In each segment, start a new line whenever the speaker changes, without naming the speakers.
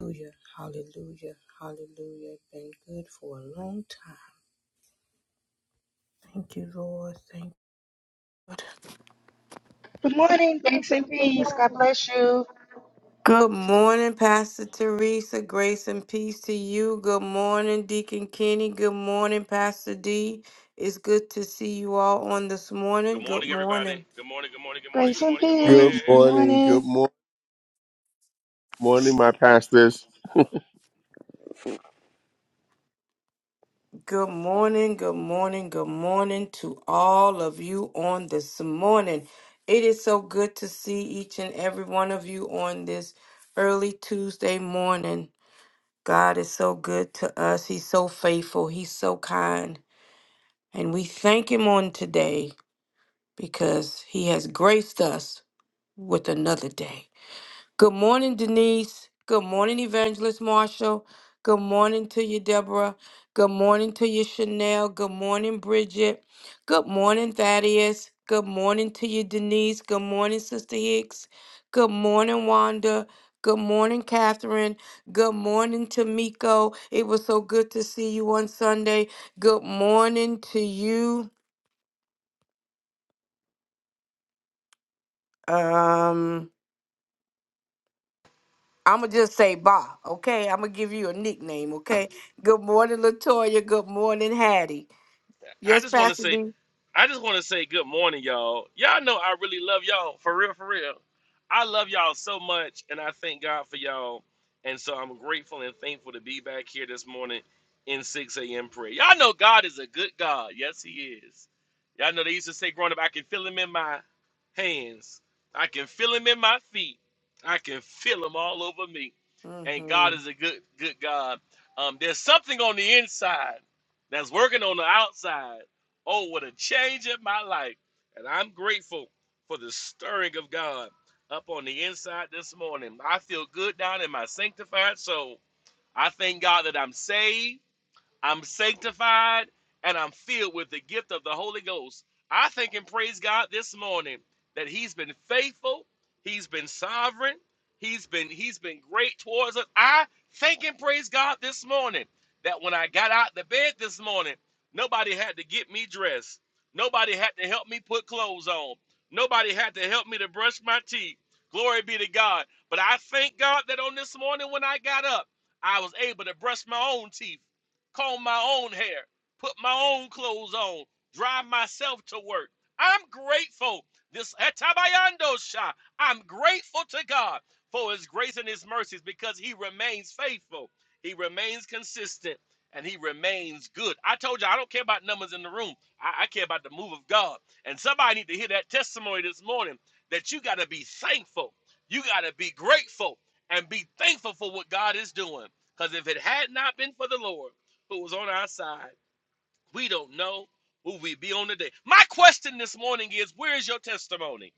Hallelujah, hallelujah, hallelujah. Been good for a long time. Thank you, Lord. Thank
Good morning, grace and peace. God bless you.
Good morning, Pastor Teresa. Grace and peace to you. Good morning, Deacon Kenny. Good morning, Pastor D. It's good to see you all on this
Good
morning.
morning,
Good
everybody.
morning.
Good morning, good morning, good morning,
Grace
good
and
morning, good morning.
Good
peace. Good
morning. Good
morning.
mor- morning, my pastors.
Good morning. Good morning. Good morning to all of you on this morning. It is so good to see each and every one of you on this early Tuesday morning. God is so good to us. He's so faithful. He's so kind. And we thank Him on today because He has graced us with another day. Good morning, Denise. Good morning, Evangelist Marshall. Good morning to you, Deborah. Good morning to you, Chanel. Good morning, Bridget. Good morning, Thaddeus. Good morning to you, Denise. Good morning, Sister Hicks. Good morning, Wanda. Good morning, Catherine. Good morning, to Miko. It was so good to see you on Sunday. Good morning to you. Um, I'ma just say Ba, okay? I'ma give you a nickname, okay? Good morning, Latoya. Good morning, Hattie.
I
Yes,
just want to
Pastor
say
B.
I just want to say good morning, y'all. Y'all know I really love y'all for real, for real. I love y'all so much, and I thank God for y'all. And so I'm grateful and thankful to be back here this morning in 6 a.m. prayer. Y'all know God is a good God. Yes, He is. Y'all know they used to say growing up, I can feel Him in my hands, I can feel Him in my feet, I can feel Him all over me. And God
Mm-hmm.
is a good, good God. Um, there's something on the inside that's working on the outside Oh, what a change in my life. And I'm grateful for the stirring of God up on the inside this morning. I feel good down in my sanctified soul. I thank God that I'm saved. I'm sanctified and I'm filled with the gift of the Holy Ghost. I thank and praise God this morning that He's been faithful, He's been sovereign, He's been He's been great towards us. I thank and praise God this morning that when I got out the bed this morning, nobody had to get me dressed. Nobody had to help me put clothes on. Nobody had to help me to brush my teeth. Glory be to God. But I thank God that on this morning when I got up, I was able to brush my own teeth comb my own hair, put my own clothes on, drive myself to work. I'm grateful. This etabayando sha. I'm grateful to God for his grace and his mercies because he remains faithful. He remains consistent and he remains good. I told you I don't care about numbers in the room. I, I care about the move of God. And somebody need to hear that testimony this morning that you got to be thankful. You got to be grateful and be thankful for what God is doing. Because if it had not been for the Lord, who was on our side. We don't know who we be on today. My question this morning is where is your testimony?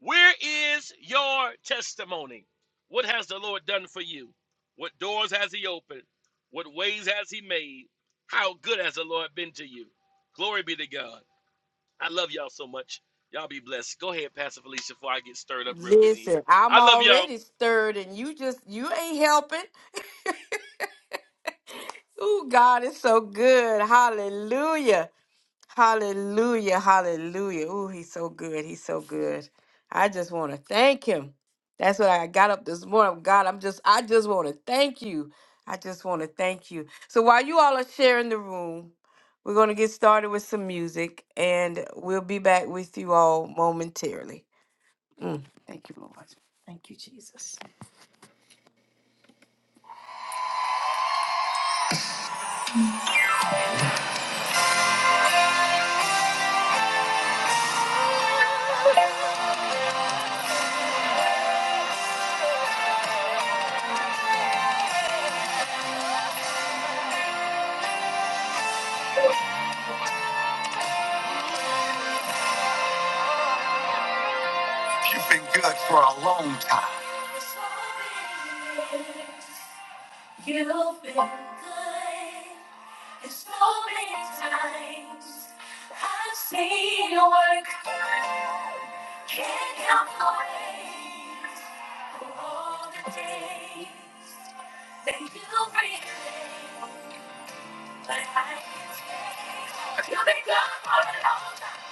Where is your testimony? What has the Lord done for you? What doors has He opened? What ways has He made? How good has the Lord been to you? Glory be to God. I love y'all so much. Y'all be blessed. Go ahead, Pastor Felicia, before I get stirred up real good in here.
Listen, I'm
I love y'all.
already stirred, and you just you ain't helping. Ooh, God is so good. Hallelujah. Hallelujah, hallelujah. Ooh, he's so good. He's so good. I just want to thank him. That's what I got up this morning. God, I'm just I just want to thank you. I just want to thank you. So while you all are sharing the room, we're going to get started with some music and we'll be back with you all momentarily. You've been good for a long time. You've been good and so many times. I've seen your work. Can't help the praise for all the days that you bring. But I can't take. You've been good for a long time.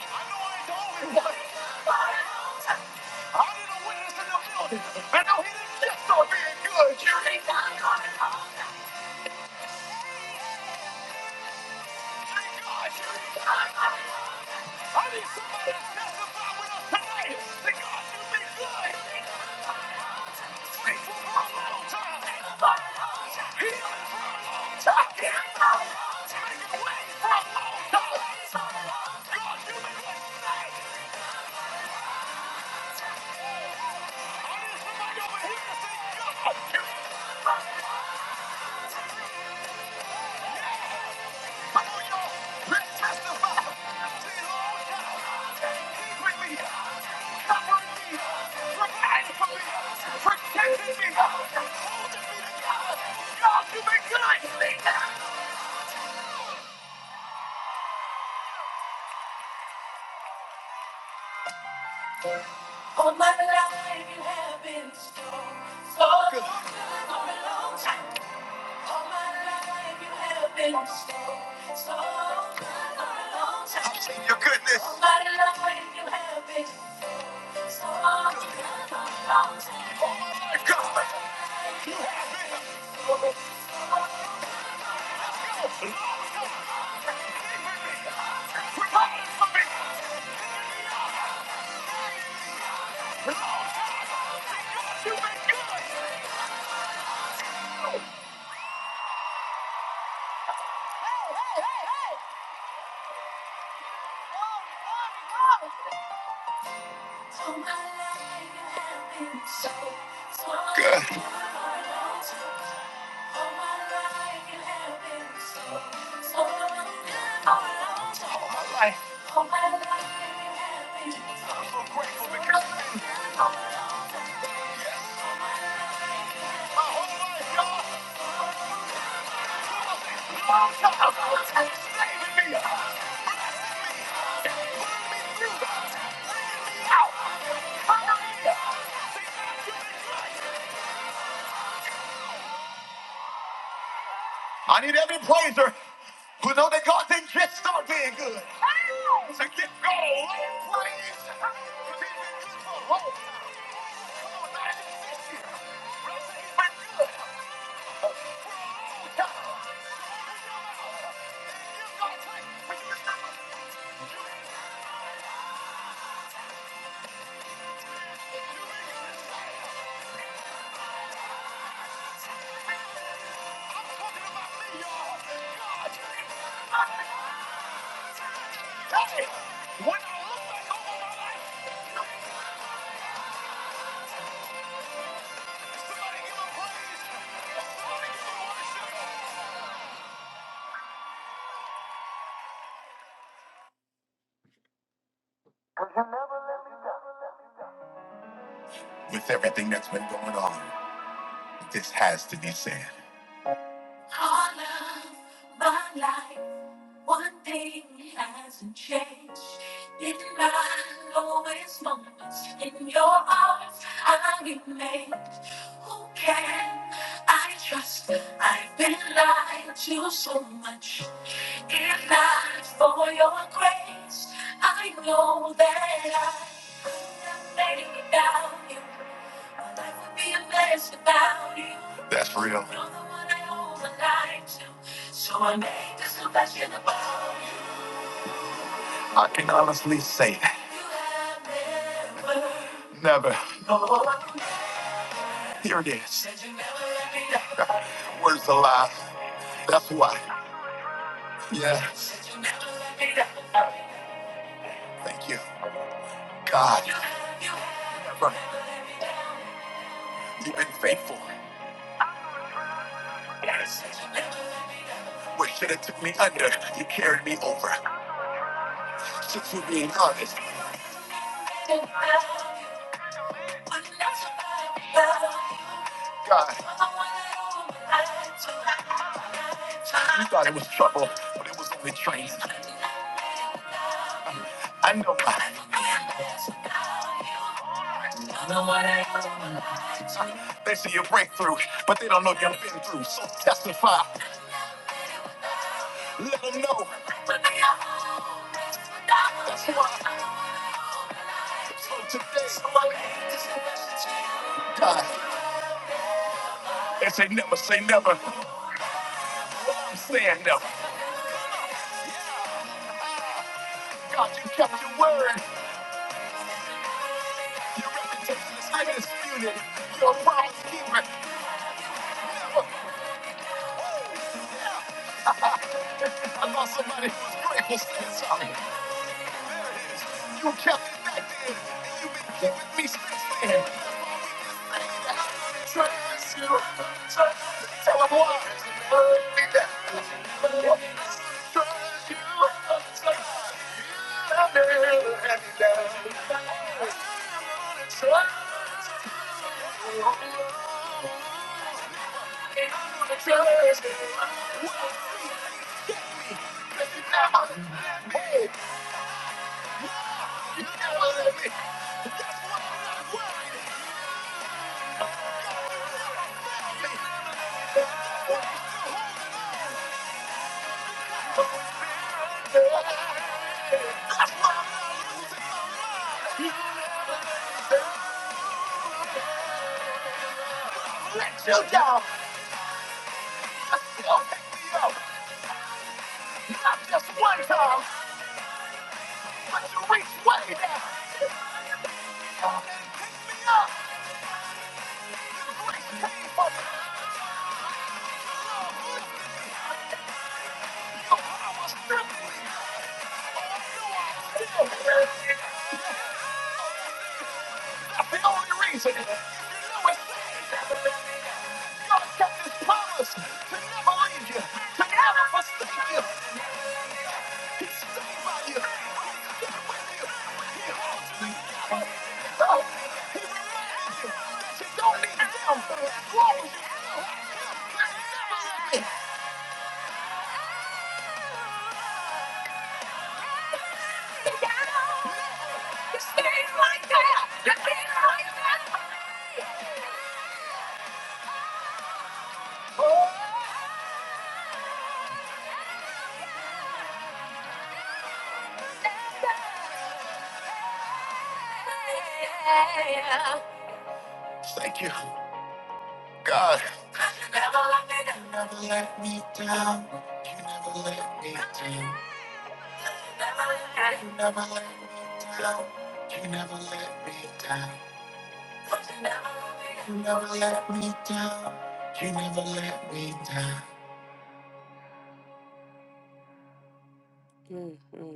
I know I ain't always right. You've been good for a long time. I didn't witness in the building, and now he didn't get so being good. You've been good for a long time. I need somebody to testify with us tonight that God's be good. He's faithful for a long time. He's done it for a long time. He's making ways for a long time. God, you've been good tonight. I need somebody over here to say, God, All my life you have been so, so good. For a long time. All my life you have been so, so good. For a long time. I've seen your goodness. All my life you have been Life. Oh, my life, you have so, so grateful because. I need every praiser who know that God didn't just start being good. So get going, Lord, 'Cause he's been good for a long time. Come on, not just this year. But I say he's been good. Tell God, When I look back over my life, somebody give him praise. Somebody give him worship. With everything that's been going on, this has to be said. All of my life, one thing hasn't changed. In my lowest moments, in your arms, I remain. Who can I trust? I've been lied to so much. If not for your grace, I know that I could have made it without you. My life would be a mess that's real. I can honestly say that. Never. Here it is. Words alive. That's why. Yeah. Thank you. God, never. You've been faithful. What should have took me under, you carried me over. to be honest. God, you thought it was trouble, but it was only training. I know why. They see your breakthrough, but they don't know you've been through. So testify. Let them know. That's why. So today, God, they say never say never. I'm saying never. God, you kept your word. Your reputation is undisputed. You're a promise keeper. Never. Yeah. I lost somebody who was grateful. Stand sorry. You kept it back then, and you've been keeping me since then. That's why we can say that I don't Trust you. Trust you. Tell them why. Love me that. Love me. Trust you. Love you. Trust you. Trust you. You know what I mean? That's why I wanna let you down. but You still pick me up. Not just one time, but you reach way down. Come and pick me up. Take the power strictly back. That's the only reason. If you know it's bad, you gotta kept his promise to never leave you, to never forsake you. He stayed by you. He holds Thank you, God. You never let me down. You never let me down. You never let me down. You never let me down. You never let me down. You never let me down. You never let me down. Mm, mm.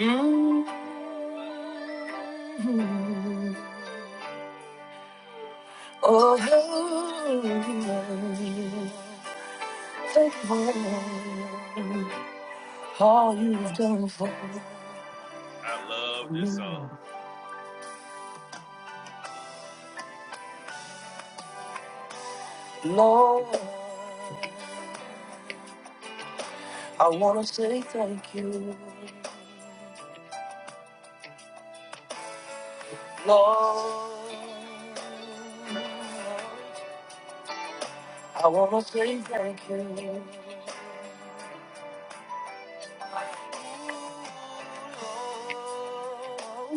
Mm. Oh, hey, thank you for all you've done for
I love
me,
this song.
Lord. I wanna say thank you, Lord. I wanna say thank you,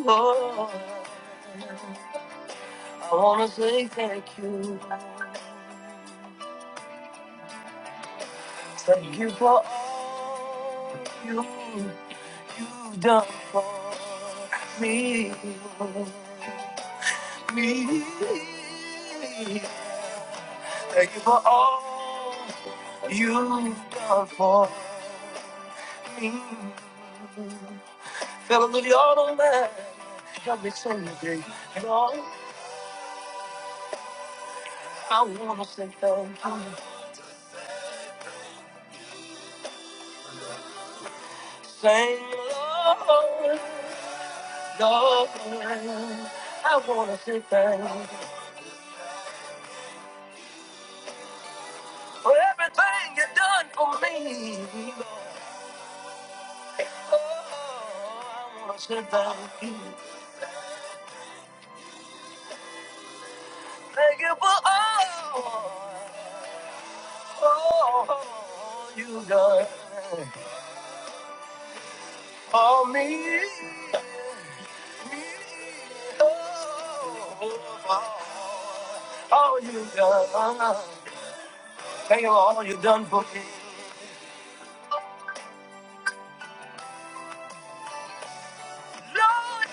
Lord. I wanna say thank you. Thank you for all you, you've done for me. me. Thank you for all you've done for me. Fell to the auto man. Help me sing today. Lord, I want to say thank you. Sing, Lord, Lord, I want to say thank you. For everything you've done for me, Lord. Oh, I want to say thank you. Thank you for all, all you done for me. me. Oh, for all you done. Thank you for all you've done for me. Lord,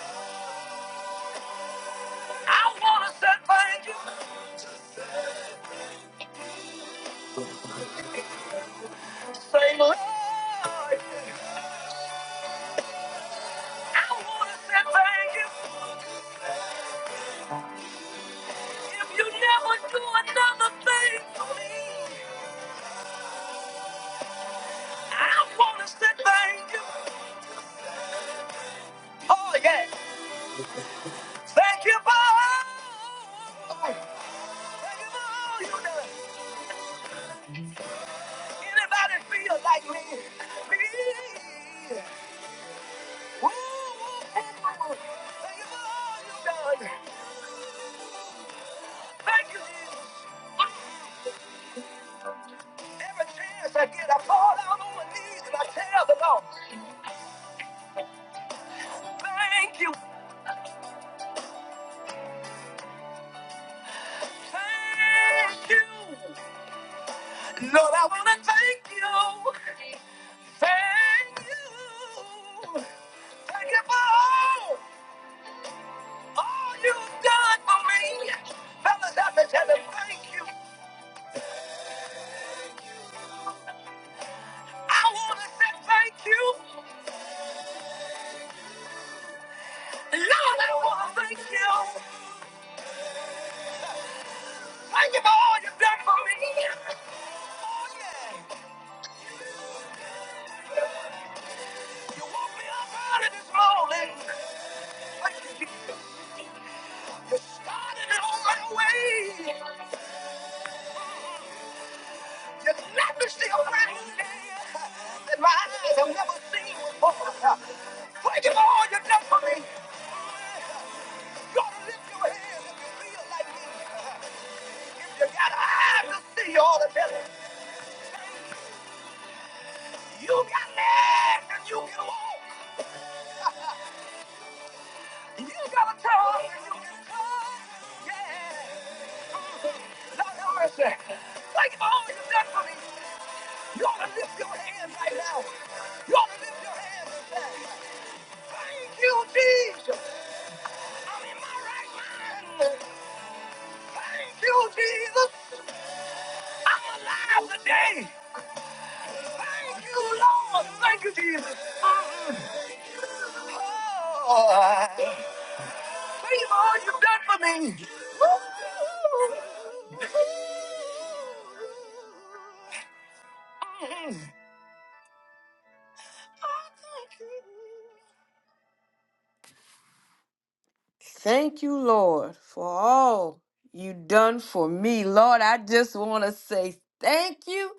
I want to say thank you. Say, Lord, I want to say thank you. If you never do another thing for me, I want to say thank you. Oh, yeah. Thank you for all. Thank you for all you done. Anybody feel like me? Me. Ooh, ooh, ooh, ooh. Thank you for all you done. Thank you, Jesus. Every chance I get, I fall down on my knees and I tell the Lord, thank you. Thank you. Lord, I want to thank you. Thank you. Thank you for all, all you've done for me. Fellas, I can tell him thank you. I want to say thank you. Lord, I want to thank you. Thank you for all you've done for me. Oh, yeah. You woke me up early this morning. Thank you, Jesus. You started it on my way. You left me still right there. And my eyes have never seen before. Thank you, Lord, you done for me. Gotta lift your hands if you feel like me. If you got eyes to see all the better. You got legs and you can walk. You gotta tell her you can come. Yeah. Lord have mercy. Like all you done for me. You ought to lift your hands right now. You ought to lift your hands and say, Thank you, Jesus. I'm in my right mind. Thank you, Jesus. I'm alive today. Thank you, Lord. Thank you, Jesus. Mm-mm. Oh. Thank you for all you've done for me. Mhm. Thank you, Lord, for all you done for me. Lord, I just want to say thank you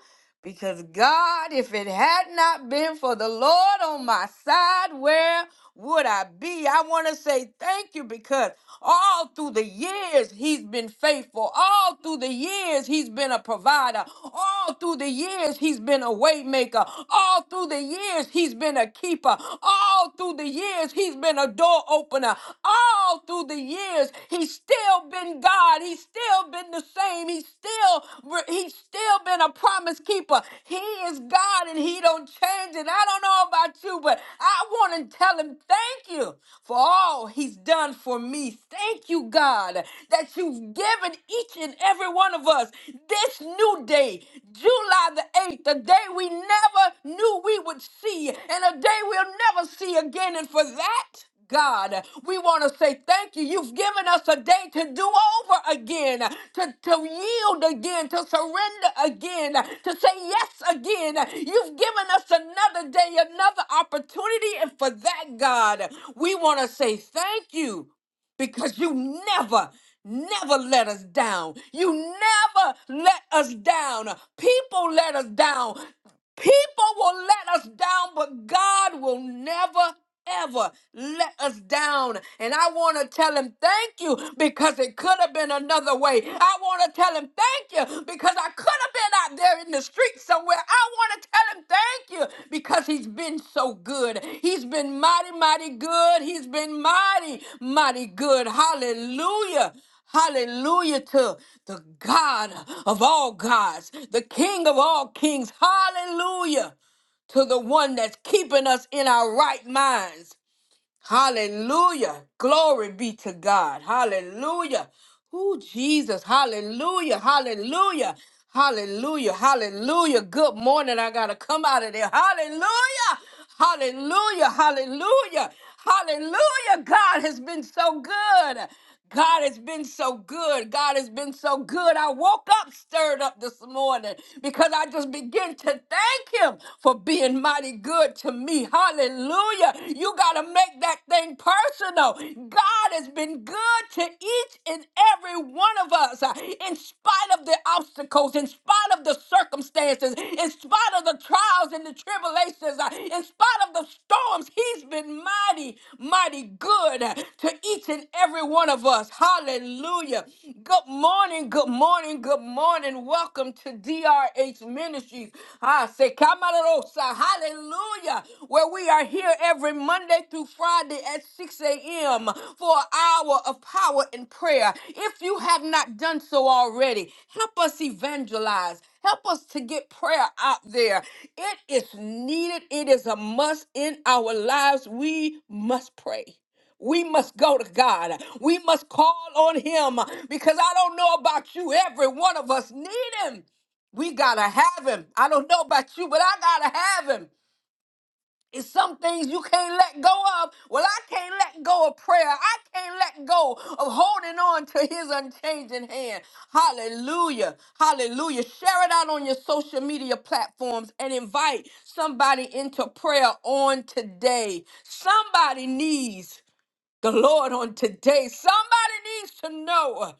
because God, if it had not been for the Lord on my side, where would I be? I want to say thank you because all through the years he's been faithful. All through the years he's been a provider. All through the years he's been a waymaker. All through the years years, he's been a keeper. All through the years, he's been a door opener. All through the years, he's still been God. He's still been the same. He's still he's still been a promise keeper. He is God and he don't change it. I don't know about you, but I want to tell him thank you for all he's done for me. Thank you, God, that you've given each and every one of us this new day, July the 8th, the day we never knew we would see, and a day we'll never see again. And for that, God, we want to say thank you. You've given us a day to do over again, to, to yield again, to surrender again, to say yes again. You've given us another day, another opportunity. And for that, God, we want to say thank you because you never, never let us down. You never let us down. People let us down. People will let us down, but God will never, ever let us down. And I want to tell him thank you because it could have been another way. I want to tell him thank thank you because I could have been out there in the street somewhere. I want to tell him thank you because he's been so good. He's been mighty, mighty good. He's been mighty, mighty good. Hallelujah. Hallelujah to the God of all gods, the King of all kings. Hallelujah to the one that's keeping us in our right minds. Hallelujah. Glory be to God. Hallelujah. Ooh, Jesus. Hallelujah. Hallelujah. Hallelujah. Hallelujah. Good morning. I got to come out of there. Hallelujah. Hallelujah. Hallelujah. Hallelujah. God has been so good. God has been so good. God has been so good. I woke up stirred up this morning because I just begin to thank Him for being mighty good to me. Hallelujah. You got to make that thing personal. God has been good to each and every one of us uh, in spite of the obstacles, in spite of the circumstances, in in spite of the trials and the tribulations, uh, in spite of the storms, He's been mighty, mighty good uh, to each and every one of us. Hallelujah. Good morning, good morning, good morning. Welcome to DRH Ministries. Ah, se camarosa. Hallelujah. Where we are here every Monday through Friday at 6 a.m him for an hour of power and prayer. If you have not done so already, help us evangelize. Help us to get prayer out there. It is needed, it is a must in our lives. We must pray. We must go to God. We must call on Him because I don't know about you. Every one of us need Him. We gotta have Him. I don't know about you, but I gotta have Him. It's some things you can't let go of. Well, I can't let go of prayer. I can't let go of holding on to his unchanging hand. Hallelujah. Hallelujah. Share it out on your social media platforms and invite somebody into prayer on today. Somebody needs the Lord on today. Somebody needs to know.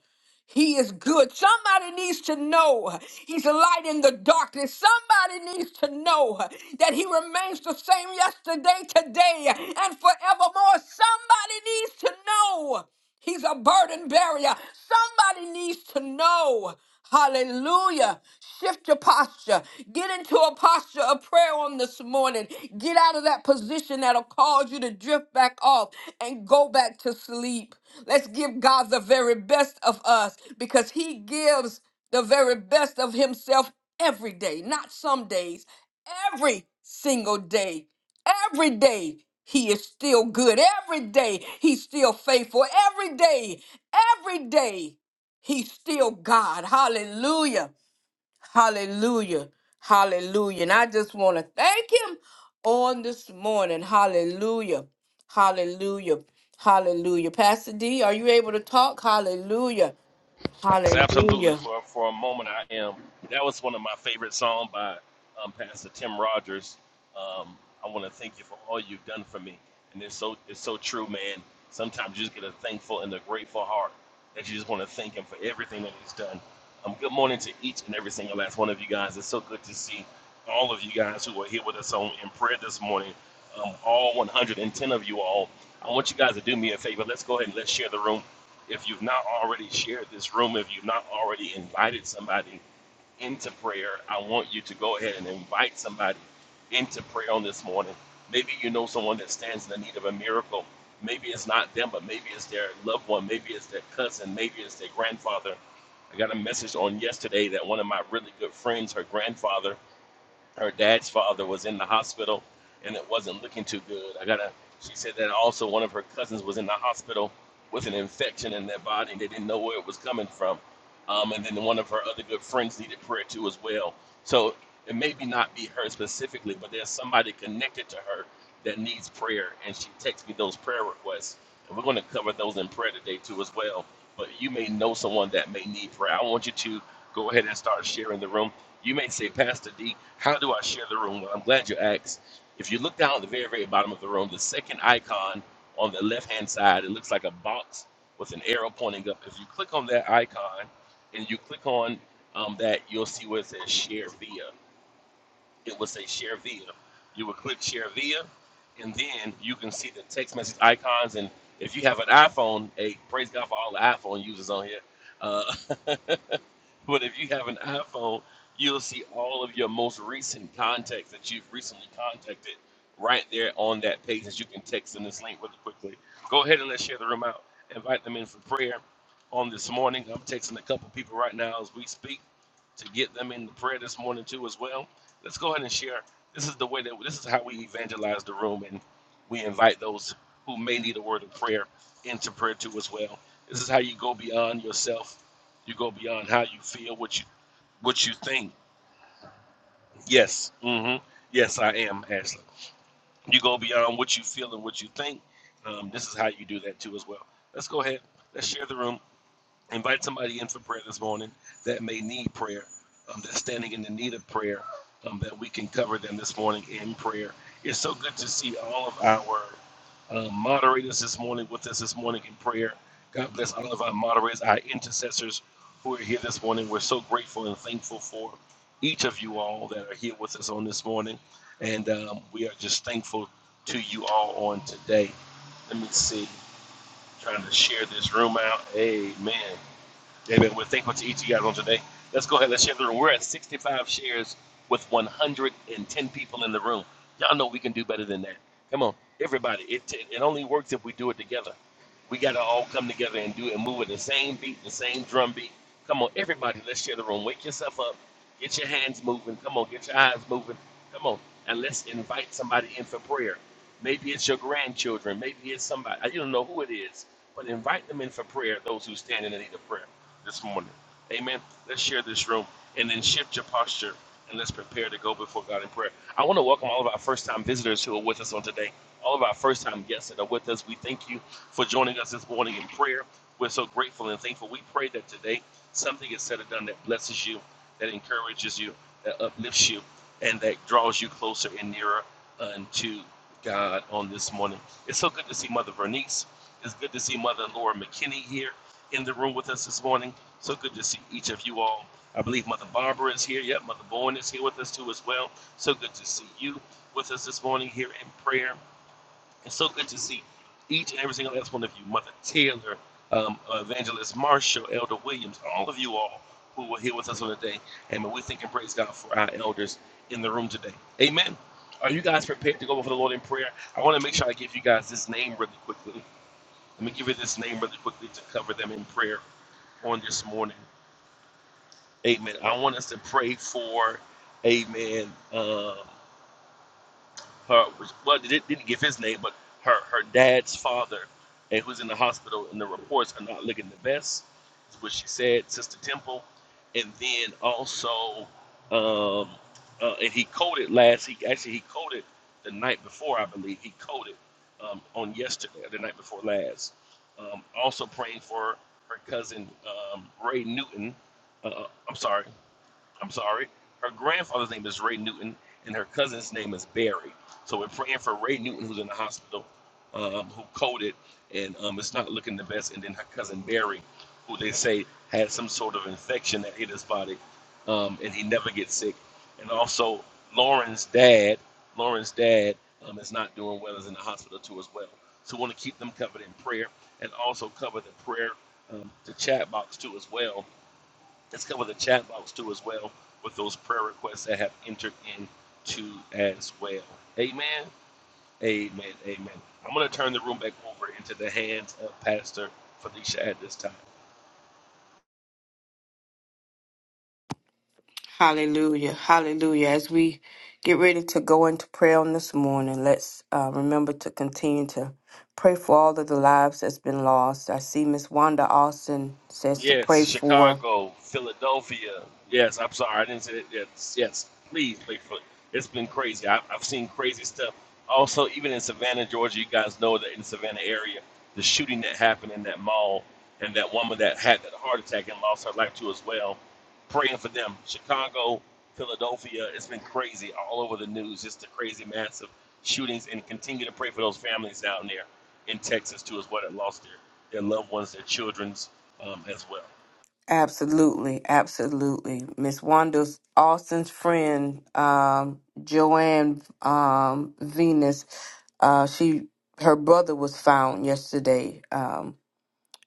He is good. Somebody needs to know He's a light in the darkness. Somebody needs to know that He remains the same yesterday, today, and forevermore. Somebody needs to know He's a burden barrier. Somebody needs to know. Hallelujah. Shift your posture. Get into a posture of prayer on this morning. Get out of that position that'll cause you to drift back off and go back to sleep. Let's give God the very best of us because He gives the very best of Himself every day, not some days, every single day. Every day he is still good. Every day he's still faithful. Every day, every day He's still God. Hallelujah. Hallelujah. Hallelujah. And I just want to thank him on this morning. Hallelujah. Hallelujah. Hallelujah. Pastor D, are you able to talk? Hallelujah.
Absolutely.
Hallelujah.
For for a moment, I am. That was one of my favorite songs by um, Pastor Tim Rogers. Um, I want to thank you for all you've done for me, and it's so it's so true, man. Sometimes you just get a thankful and a grateful heart that you just want to thank him for everything that he's done. Um, good morning to each and every single last one of you guys. It's so good to see all of you guys who are here with us on in prayer this morning. Um, all 110 of you all. I want you guys to do me a favor. Let's go ahead and let's share the room. If you've not already shared this room, if you've not already invited somebody into prayer, I want you to go ahead and invite somebody into prayer on this morning. Maybe you know someone that stands in the need of a miracle. Maybe it's not them, but maybe it's their loved one, maybe it's their cousin, maybe it's their grandfather. I got a message on yesterday that one of my really good friends, her grandfather, her dad's father was in the hospital and it wasn't looking too good. I gotta she said that also one of her cousins was in the hospital with an infection in their body and they didn't know where it was coming from. Um, and then one of her other good friends needed prayer too as well. So it may be not be her specifically, but there's somebody connected to her that needs prayer and she texts me those prayer requests. And we're gonna cover those in prayer today too as well. But you may know someone that may need prayer. I want you to go ahead and start sharing the room. You may say, Pastor D, how do I share the room? Well, I'm glad you asked. If you look down at the very, very bottom of the room, the second icon on the left hand side, it looks like a box with an arrow pointing up. If you click on that icon and you click on um, that, you'll see where it says share via it would say share via. You would click share via, and then you can see the text message icons. And if you have an iPhone, hey, praise God for all the iPhone users on here. Uh, but if you have an iPhone, you'll see all of your most recent contacts that you've recently contacted right there on that page that you can text in this link really quickly. Go ahead and let's share the room out. Invite them in for prayer on this morning. I'm texting a couple people right now as we speak to get them in the prayer this morning too as well let's go ahead and share. This is the way that this is how we evangelize the room, and we invite those who may need a word of prayer into prayer too as well. This is how you go beyond yourself. You go beyond how you feel, what you what you think. Yes, mm-hmm. yes, I am, Ashley. You go beyond what you feel and what you think. Um, this is how you do that too as well. Let's go ahead. Let's share the room. Invite somebody in for prayer this morning that may need prayer, um, that's standing in the need of prayer, um, that we can cover them this morning in prayer. It's so good to see all of our uh, moderators this morning with us this morning in prayer. God bless all of our moderators, our intercessors who are here this morning. We're so grateful and thankful for each of you all that are here with us on this morning. And um, we are just thankful to you all on today. Let me see, trying to share this room out. Amen. David, we're thankful to each of you guys on today. Let's go ahead and share the room. We're at 65 shares with 110 people in the room. Y'all know we can do better than that. Come on, everybody. It, it only works if we do it together. We got to all come together and do it and move at the same beat, the same drum beat. Come on, everybody, let's share the room. Wake yourself up. Get your hands moving. Come on, get your eyes moving. Come on, and let's invite somebody in for prayer. Maybe it's your grandchildren. Maybe it's somebody. You don't know who it is, but invite them in for prayer. Those who stand in need of prayer this morning. Amen. Let's share this room and then shift your posture and let's prepare to go before God in prayer. I want to welcome all of our first time visitors who are with us on today. All of our first time guests that are with us. We thank you for joining us this morning in prayer. We're so grateful and thankful. We pray that today something is said or done that blesses you that encourages you, that uplifts you, and that draws you closer and nearer unto God on this morning. It's so good to see Mother Vernice. It's good to see Mother Laura McKinney here in the room with us this morning. So good to see each of you all. I believe Mother Barbara is here. Yep, Mother Bowen is here with us too as well. So good to see you with us this morning here in prayer. It's so good to see each and every single last one of you, Mother Taylor, um, Evangelist Marshall, Elder Williams, all of you all who were here with us on the day. Amen. We thank and praise God for our elders in the room today. Amen. Are you guys prepared to go before the Lord in prayer? I want to make sure I give you guys this name really quickly. Let me give you this name really quickly to cover them in prayer on this morning. Amen. I want us to pray for, amen, uh, her well they didn't give his name but her her dad's father and who's in the hospital and the reports are not looking the best is what she said sister temple and then also um uh, and he coded last he actually he coded the night before i believe he coded um, on yesterday or the night before last um, also praying for her cousin um, ray newton uh, i'm sorry I'm sorry. Her grandfather's name is Ray Newton, and her cousin's name is Barry. So we're praying for Ray Newton, who's in the hospital, um, who coded, and um, it's not looking the best. And then her cousin Barry, who they say had some sort of infection that hit his body, um, and he never gets sick. And also Lauren's dad, Lauren's dad um, is not doing well, is in the hospital too as well. So we want to keep them covered in prayer, and also cover the prayer um, the chat box too as well Let's cover the chat box too as well with those prayer requests that have entered in too as well. Amen. Amen. Amen. I'm going to turn the room back over into the hands of Pastor Felicia at this time.
Hallelujah. Hallelujah. As we get ready to go into prayer on this morning, let's uh, remember to continue to pray for all of the lives that's been lost. I see Miss Wanda Austin says to
Yes,
pray for.
Chicago, Philadelphia. Yes, I'm sorry, I didn't say that. Yes, yes. Please play for. It's been crazy. I, I've seen crazy stuff. Also, even in Savannah, Georgia, you guys know that in the Savannah area, the shooting that happened in that mall, and that woman that had that heart attack and lost her life too as well. Praying for them. Chicago, Philadelphia. It's been crazy all over the news. Just the crazy, massive shootings, and continue to pray for those families down there in Texas too as well that lost their their loved ones, their children um, as well.
Absolutely, absolutely. Miss Wanda's Austin's friend, um, Joanne um, Venus, uh, she her brother was found yesterday, um,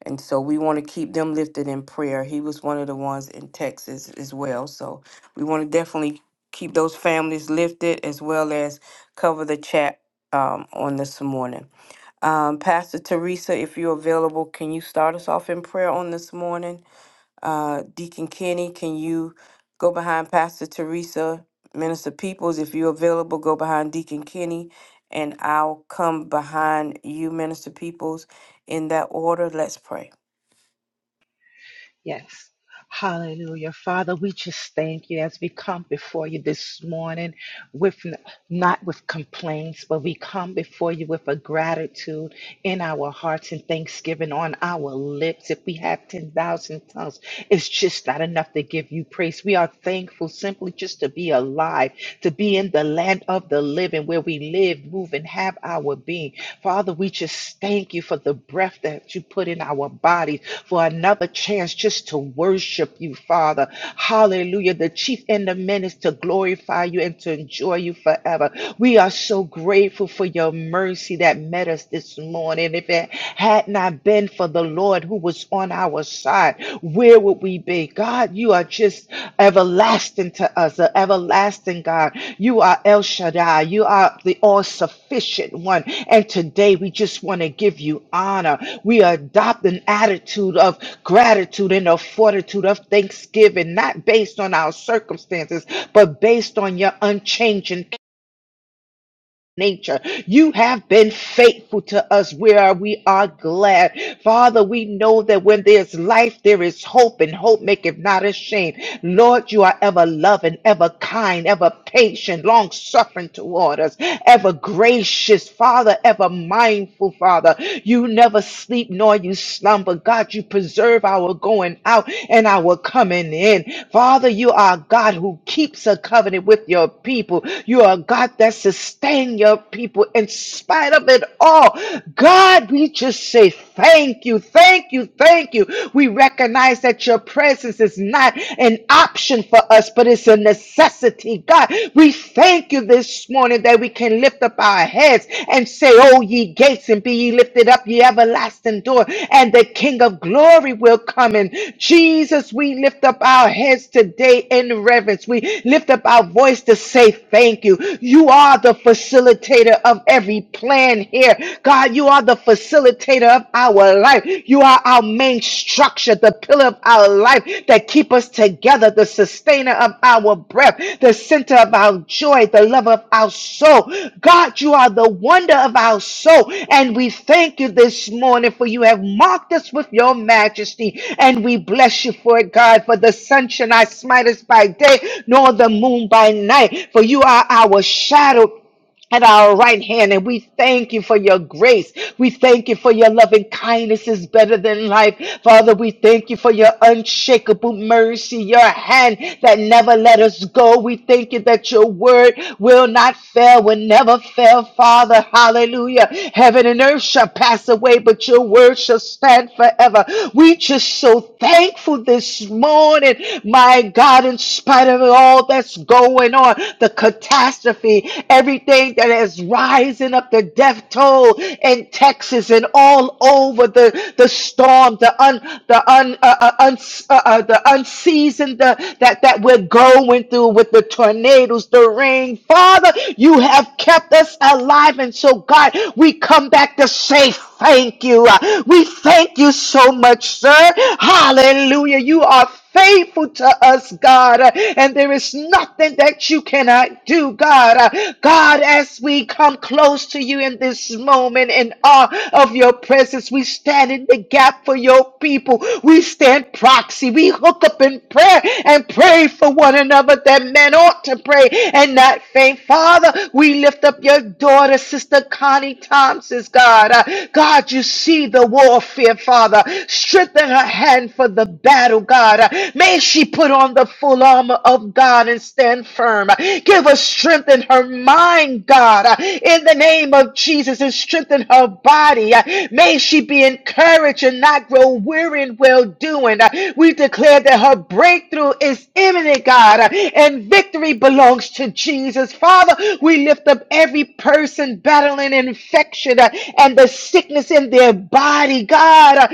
and so we want to keep them lifted in prayer. He was one of the ones in Texas as well, so we want to definitely keep those families lifted as well as cover the chat um, on this morning. Um, Pastor Teresa, if you're available, can you start us off in prayer on this morning? Uh, Deacon Kenny, can you go behind Pastor Teresa? Minister Peoples, if you're available, go behind Deacon Kenny, and I'll come behind you, Minister Peoples, in that order. Let's pray.
Yes. Hallelujah. Father, we just thank you as we come before you this morning. with. not with complaints, but we come before you with a gratitude in our hearts and thanksgiving on our lips. If we have 10,000 tongues, it's just not enough to give you praise. We are thankful simply just to be alive, to be in the land of the living where we live, move, and have our being. Father, we just thank you for the breath that you put in our bodies, for another chance just to worship you, Father. Hallelujah. The chief end of men is to glorify you and to enjoy you forever forever. We are so grateful for your mercy that met us this morning. If it had not been for the Lord who was on our side, where would we be? God, you are just everlasting to us, the everlasting God. You are El Shaddai. You are the all sufficient one. And today we just want to give you honor. We adopt an attitude of gratitude and a fortitude of thanksgiving, not based on our circumstances, but based on your unchanging nature. You have been faithful to us where we are glad. Father, we know that when there's life, there is hope, and hope maketh not ashamed. Lord, you are ever loving, ever kind, ever patient, long suffering toward us, ever gracious, Father, ever mindful, Father. You never sleep nor you slumber. God, you preserve our going out and our coming in. Father, you are a God who keeps a covenant with your people. You are a God that sustains in your people in spite of it all. God, we just say thank you, thank you, thank you. We recognize that your presence is not an option for us, but it's a necessity. God, we thank you this morning that we can lift up our heads and say, Oh, ye gates, and be ye lifted up, ye everlasting door, and the King of glory will come in. Jesus, we lift up our heads today in reverence. We lift up our voice to say thank you. You are the facilitator of every plan here. God, you are the facilitator of our life. You are our main structure, the pillar of our life that keep us together, the sustainer of our breath, the center of our joy, the love of our soul. God, you are the wonder of our soul. And we thank you this morning for you have marked us with your majesty. And we bless you for it, God, for the sun shall not smite us by day, nor the moon by night. For you are our shadow at our right hand. And we thank you for your grace. We thank you for your loving kindness is better than life. Father, we thank you for your unshakable mercy, your hand that never let us go. We thank you that your word will not fail, will never fail, Father. Hallelujah. Heaven and earth shall pass away, but your word shall stand forever. We just so thankful this morning, my God, in spite of all that's going on, the catastrophe catastrophe, everything that is rising up, the death toll in Texas and all over the, the storm, the un, the un, uh, uh, uns uh, uh, the unseasoned uh, that that we're going through with the tornadoes, the rain. Father, you have kept us alive, and so God, we come back to say thank you. Uh, We thank you so much, sir. Hallelujah. You are faithful to us, God, uh, and there is nothing that you cannot do, God. Uh, God, as we come close to you in this moment in awe of your presence, we stand in the gap for your people. We stand proxy. We hook up in prayer and pray for one another that men ought to pray and not faint. Father, we lift up your daughter, Sister Connie Thompson's God. Uh, God, you see the warfare, Father. Strengthen her hand for the battle, God. May she put on the full armor of God and stand firm. Give her strength in her mind, God, in the name of Jesus, and strengthen her body. May she be encouraged and not grow weary in well doing. We declare that her breakthrough is imminent, God, and victory belongs to Jesus. Father, we lift up every person battling infection uh, and the sickness in their body, God. Uh,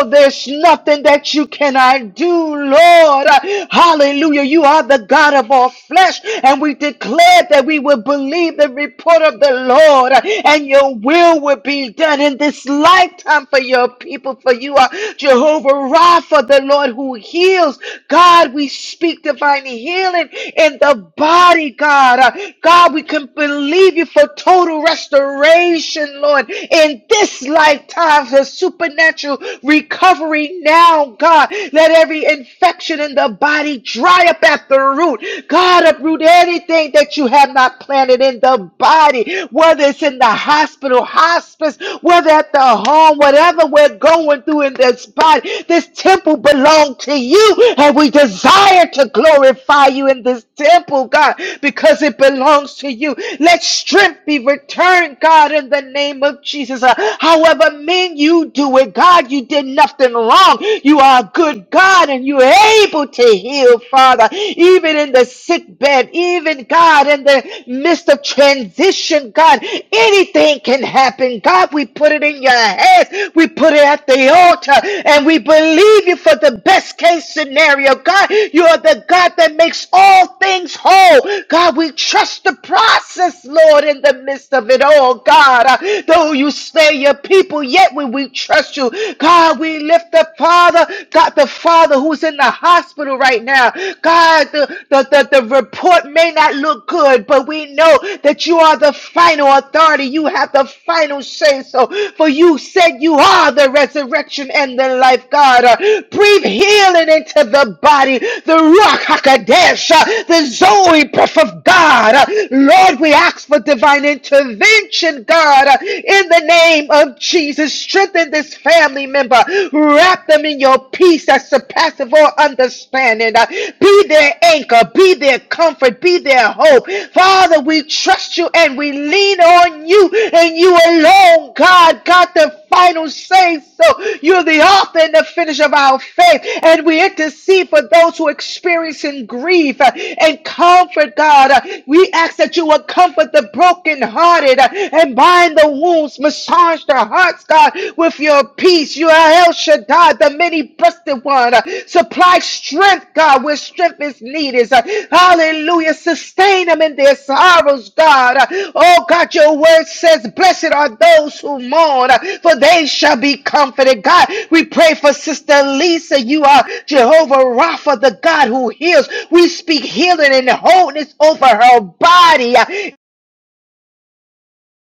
Oh, there's nothing that you cannot do, Lord. Hallelujah. You are the God of all flesh. And we declare that we will believe the report of the Lord and your will will be done in this lifetime for your people. For you are Jehovah Rapha, the Lord who heals. God, we speak divine healing in the body, God. Uh, God, we can believe you for total restoration, Lord, in this lifetime, for supernatural supernatural recovery now, God. Let every infection in the body dry up at the root. God, uproot anything that you have not planted in the body, whether it's in the hospital, hospice, whether at the home, whatever we're going through in this body. This temple belongs to you, and we desire to glorify you in this temple, God, because it belongs to you. Let strength be returned, God, in the name of Jesus. Uh, however, but men, you do it. God, you did nothing wrong. You are a good God and you're able to heal, Father, even in the sick bed, even God, in the midst of transition, God, anything can happen. God, we put it in your hands. We put it at the altar and we believe you for the best case scenario. God, you are the God that makes all things whole. God, we trust the process, Lord, in the midst of it all, God. Uh, though you you slay your people, yet will we trust you. God, we lift up, Father, God, the Father who's in the hospital right now. God, the, the, the, the report may not look good, but we know that you are the final authority. You have the final say so. For you said you are the resurrection and the life, God. Uh, breathe healing into the body, the Ruach HaKodesh, uh, the Zoe breath of God. Uh, Lord, we ask for divine intervention, God. God, uh, in the name of Jesus, strengthen this family member. Wrap them in your peace that surpasses all understanding. Uh, Be their anchor, be their comfort, be their hope. Father, we trust you and we lean on you and you alone, God, God, the final say so. You're the author and the finish of our faith. And we intercede for those who are experiencing grief uh, and comfort, God. Uh, We ask that you will comfort the brokenhearted brokenhearted uh, and bind the wounds. Massage their hearts, God, with your peace. You are El Shaddai, the many breasted one. Uh, Supply strength, God, where strength is needed. Uh, Hallelujah. Sustain them in their sorrows, God. Uh, Oh, God, your word says, Blessed are those who mourn, uh, for they shall be comforted. God, we pray for Sister Lisa. You are Jehovah Rapha, the God who heals. We speak healing and wholeness over her body.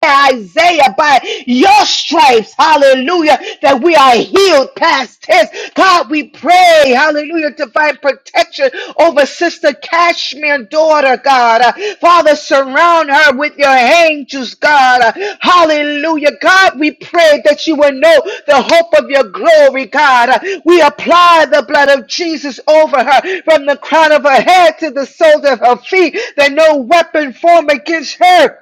Isaiah, by your stripes, hallelujah, that we are healed past tense. God, we pray, hallelujah, divine protection over Sister Cashmere, daughter, God. Uh, Father, surround her with your angels, God. Uh, hallelujah. God, we pray that you will know the hope of your glory, God. Uh, we apply the blood of Jesus over her from the crown of her head to the soles of her feet, that no weapon formed against her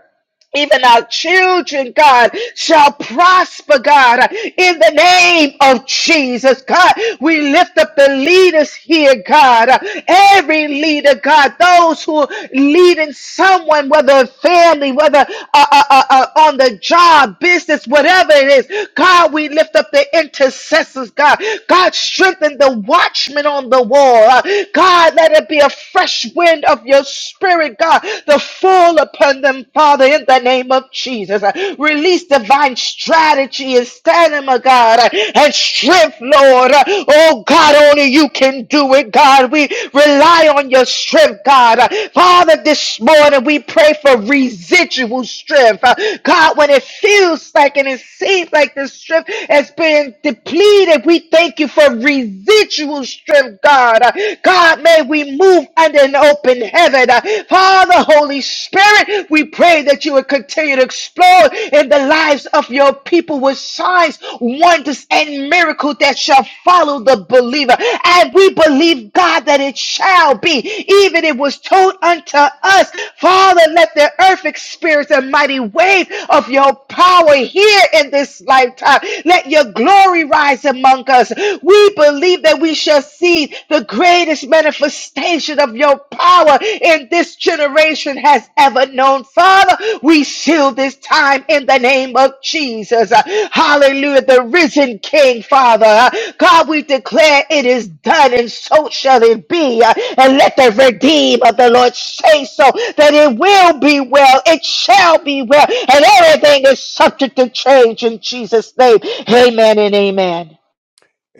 even our children, God, shall prosper, God, in the name of Jesus. God, we lift up the leaders here, God. Every leader, God, those who are leading someone, whether family, whether uh, uh, uh, uh, on the job, business, whatever it is, God, we lift up the intercessors, God. God, strengthen the watchmen on the wall. Uh, God, let it be a fresh wind of your spirit, God the fall upon them, Father, in the name of Jesus. Release divine strategy and stamina, God, and strength, Lord. Oh, God, only you can do it, God. We rely on your strength, God. Father, this morning we pray for residual strength. God, when it feels like and it seems like the strength has been depleted, we thank you for residual strength, God. God, may we move move under an open heaven. Uh, Father, Holy Spirit, we pray that you would continue to explode in the lives of your people with signs, wonders, and miracles that shall follow the believer. And we believe, God, that it shall be, even it was told unto us. Father, let the earth experience a mighty wave of your power here in this lifetime. Let your glory rise among us. We believe that we shall intercede. The greatest manifestation of your power in this generation has ever known. Father, we seal this time in the name of Jesus. Uh, Hallelujah. The risen King, Father. Uh, God, we declare it is done and so shall it be. Uh, And let the redeemed of the Lord say so that it will be well. It shall be well. And everything is subject to change in Jesus' name. Amen and amen.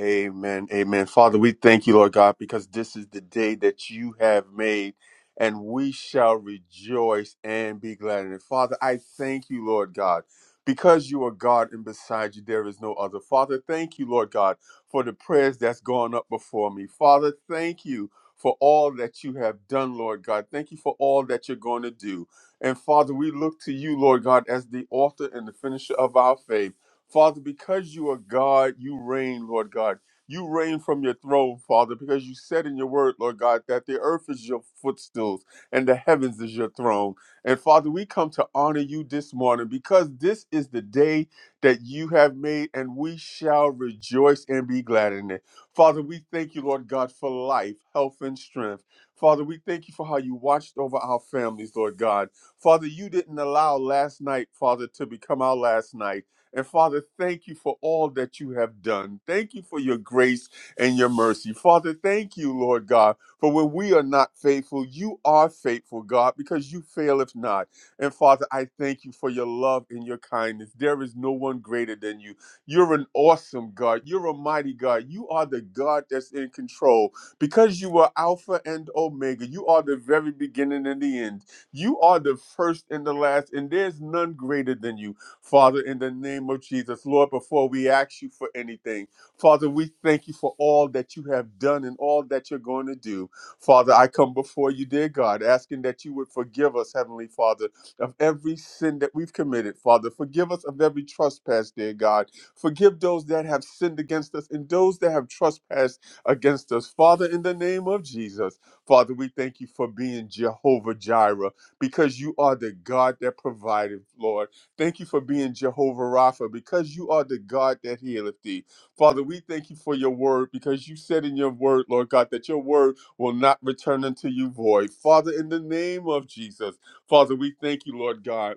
Amen. Amen. Father, we thank you, Lord God, because this is the day that you have made and we shall rejoice and be glad in it. Father, I thank you, Lord God, because you are God and beside you there is no other. Father, thank you, Lord God, for the prayers that's gone up before me. Father, thank you for all that you have done, Lord God. Thank you for all that you're going to do. And Father, we look to you, Lord God, as the author and the finisher of our faith. Father, because you are God, you reign, Lord God. You reign from your throne, Father, because you said in your word, Lord God, that the earth is your footstools and the heavens is your throne. And Father, we come to honor you this morning because this is the day that you have made and we shall rejoice and be glad in it. Father, we thank you, Lord God, for life, health, and strength. Father, we thank you for how you watched over our families, Lord God. Father, you didn't allow last night, Father, to become our last night. And Father, thank you for all that you have done. Thank you for your grace and your mercy. Father, thank you, Lord God, for when we are not faithful, you are faithful, God, because you faileth not. And Father, I thank you for your love and your kindness. There is no one greater than you. You're an awesome God. You're a mighty God. You are the God that's in control because you are Alpha and Omega. You are the very beginning and the end. You are the first and the last, and there's none greater than you. Father, in the name of Jesus, Lord, before we ask you for anything, Father, we thank you for all that you have done and all that you're going to do. Father, I come before you, dear God, asking that you would forgive us, Heavenly Father, of every sin that we've committed, Father. Forgive us of every trespass, dear God. Forgive those that have sinned against us and those that have trespassed against us. Father, in the name of Jesus, Father, we thank you for being Jehovah Jireh because you are the God that provided, Lord. Thank you for being Jehovah Rapha because you are the God that healeth thee. Father, we thank you for your word because you said in your word, Lord God, that your word will not return unto you void. Father, in the name of Jesus, Father, we thank you, Lord God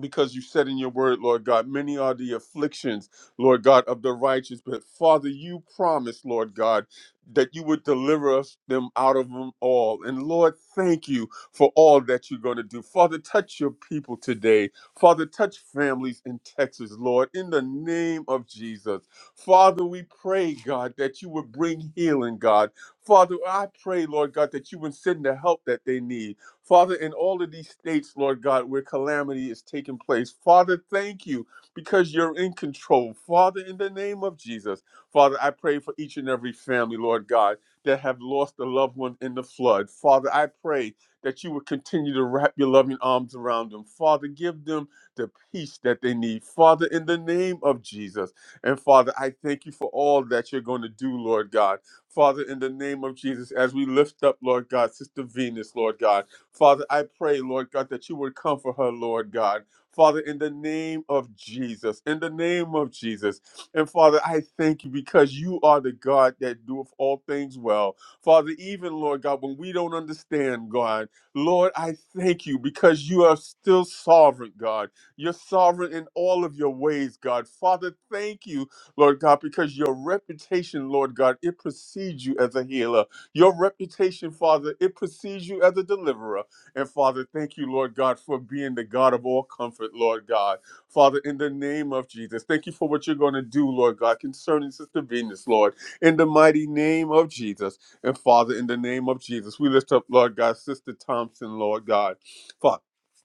because you said in your word, Lord God, many are the afflictions, Lord God, of the righteous. But Father, you promised, Lord God, that you would deliver us them out of them all. And Lord, thank you for all that you're going to do. Father, touch your people today. Father, touch families in Texas, Lord, in the name of Jesus. Father, we pray, God, that you would bring healing, God. Father, I pray, Lord God, that you would send the help that they need. Father, in all of these states, Lord God, where calamity is taking place, Father, thank you because you're in control. Father, in the name of Jesus, Father, I pray for each and every family, Lord God, that have lost a loved one in the flood. Father, I pray that you would continue to wrap your loving arms around them. Father, give them the peace that they need. Father, in the name of Jesus. And Father, I thank you for all that you're going to do, Lord God. Father, in the name of Jesus, as we lift up, Lord God, Sister Venus, Lord God. Father, I pray, Lord God, that you would comfort her, Lord God. Father, in the name of Jesus, in the name of Jesus. And Father, I thank you because you are the God that doeth all things well. Father, even, Lord God, when we don't understand, God, Lord, I thank you because you are still sovereign, God. You're sovereign in all of your ways, God. Father, thank you, Lord God, because your reputation, Lord God, it precedes you as a healer. Your reputation, Father, it precedes you as a deliverer. And Father, thank you, Lord God, for being the God of all comfort, Lord God. Father, in the name of Jesus, thank you for what you're going to do, Lord God, concerning Sister Venus, Lord, in the mighty name of Jesus. And Father, in the name of Jesus, we lift up, Lord God, Sister Thompson, Lord God. Father,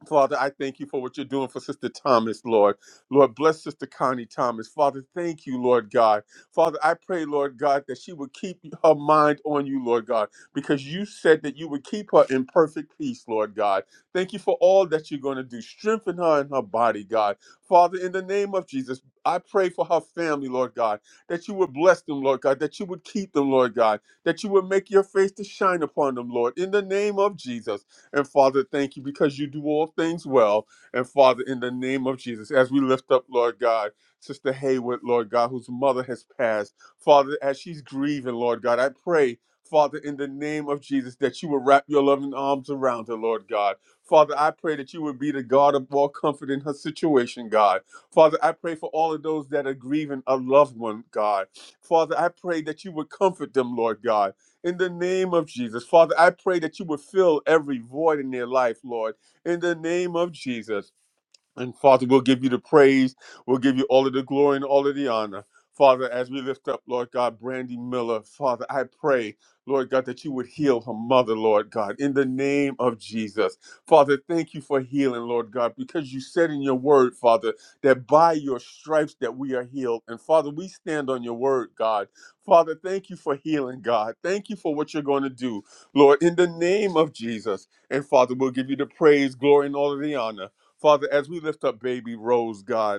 Father, I thank you for what you're doing for Sister Thomas, Lord. Lord, bless Sister Connie Thomas. Father, thank you, Lord God. Father, I pray, Lord God, that she would keep her mind on you, Lord God because you said that you would keep her in perfect peace, Lord God. Thank you for all that you're going to do. Strengthen her in her body, God. Father, in the name of Jesus, I pray for her family, Lord God, that you would bless them, Lord God, that you would keep them, Lord God, that you would make your face to shine upon them, Lord, in the name of Jesus. And Father, thank you because you do all things well. And Father, in the name of Jesus, as we lift up, Lord God, Sister Hayward, Lord God, whose mother has passed. Father, as she's grieving, Lord God, I pray Father, in the name of Jesus, that you would wrap your loving arms around her, Lord God. Father, I pray that you would be the God of all comfort in her situation, God. Father, I pray for all of those that are grieving a loved one, God. Father, I pray that you would comfort them, Lord God. In the name of Jesus. Father, I pray that you would fill every void in their life, Lord. In the name of Jesus. And Father, we'll give you the praise. We'll give you all of the glory and all of the honor. Father, as we lift up, Lord God, Brandy Miller, Father, I pray, Lord God, that you would heal her mother, Lord God, in the name of Jesus. Father, thank you for healing, Lord God, because you said in your word, Father, that by your stripes that we are healed. And Father, we stand on your word, God. Father, thank you for healing, God. Thank you for what you're going to do, Lord, in the name of Jesus. And Father, we'll give you the praise, glory, and all of the honor. Father, as we lift up baby Rose, God,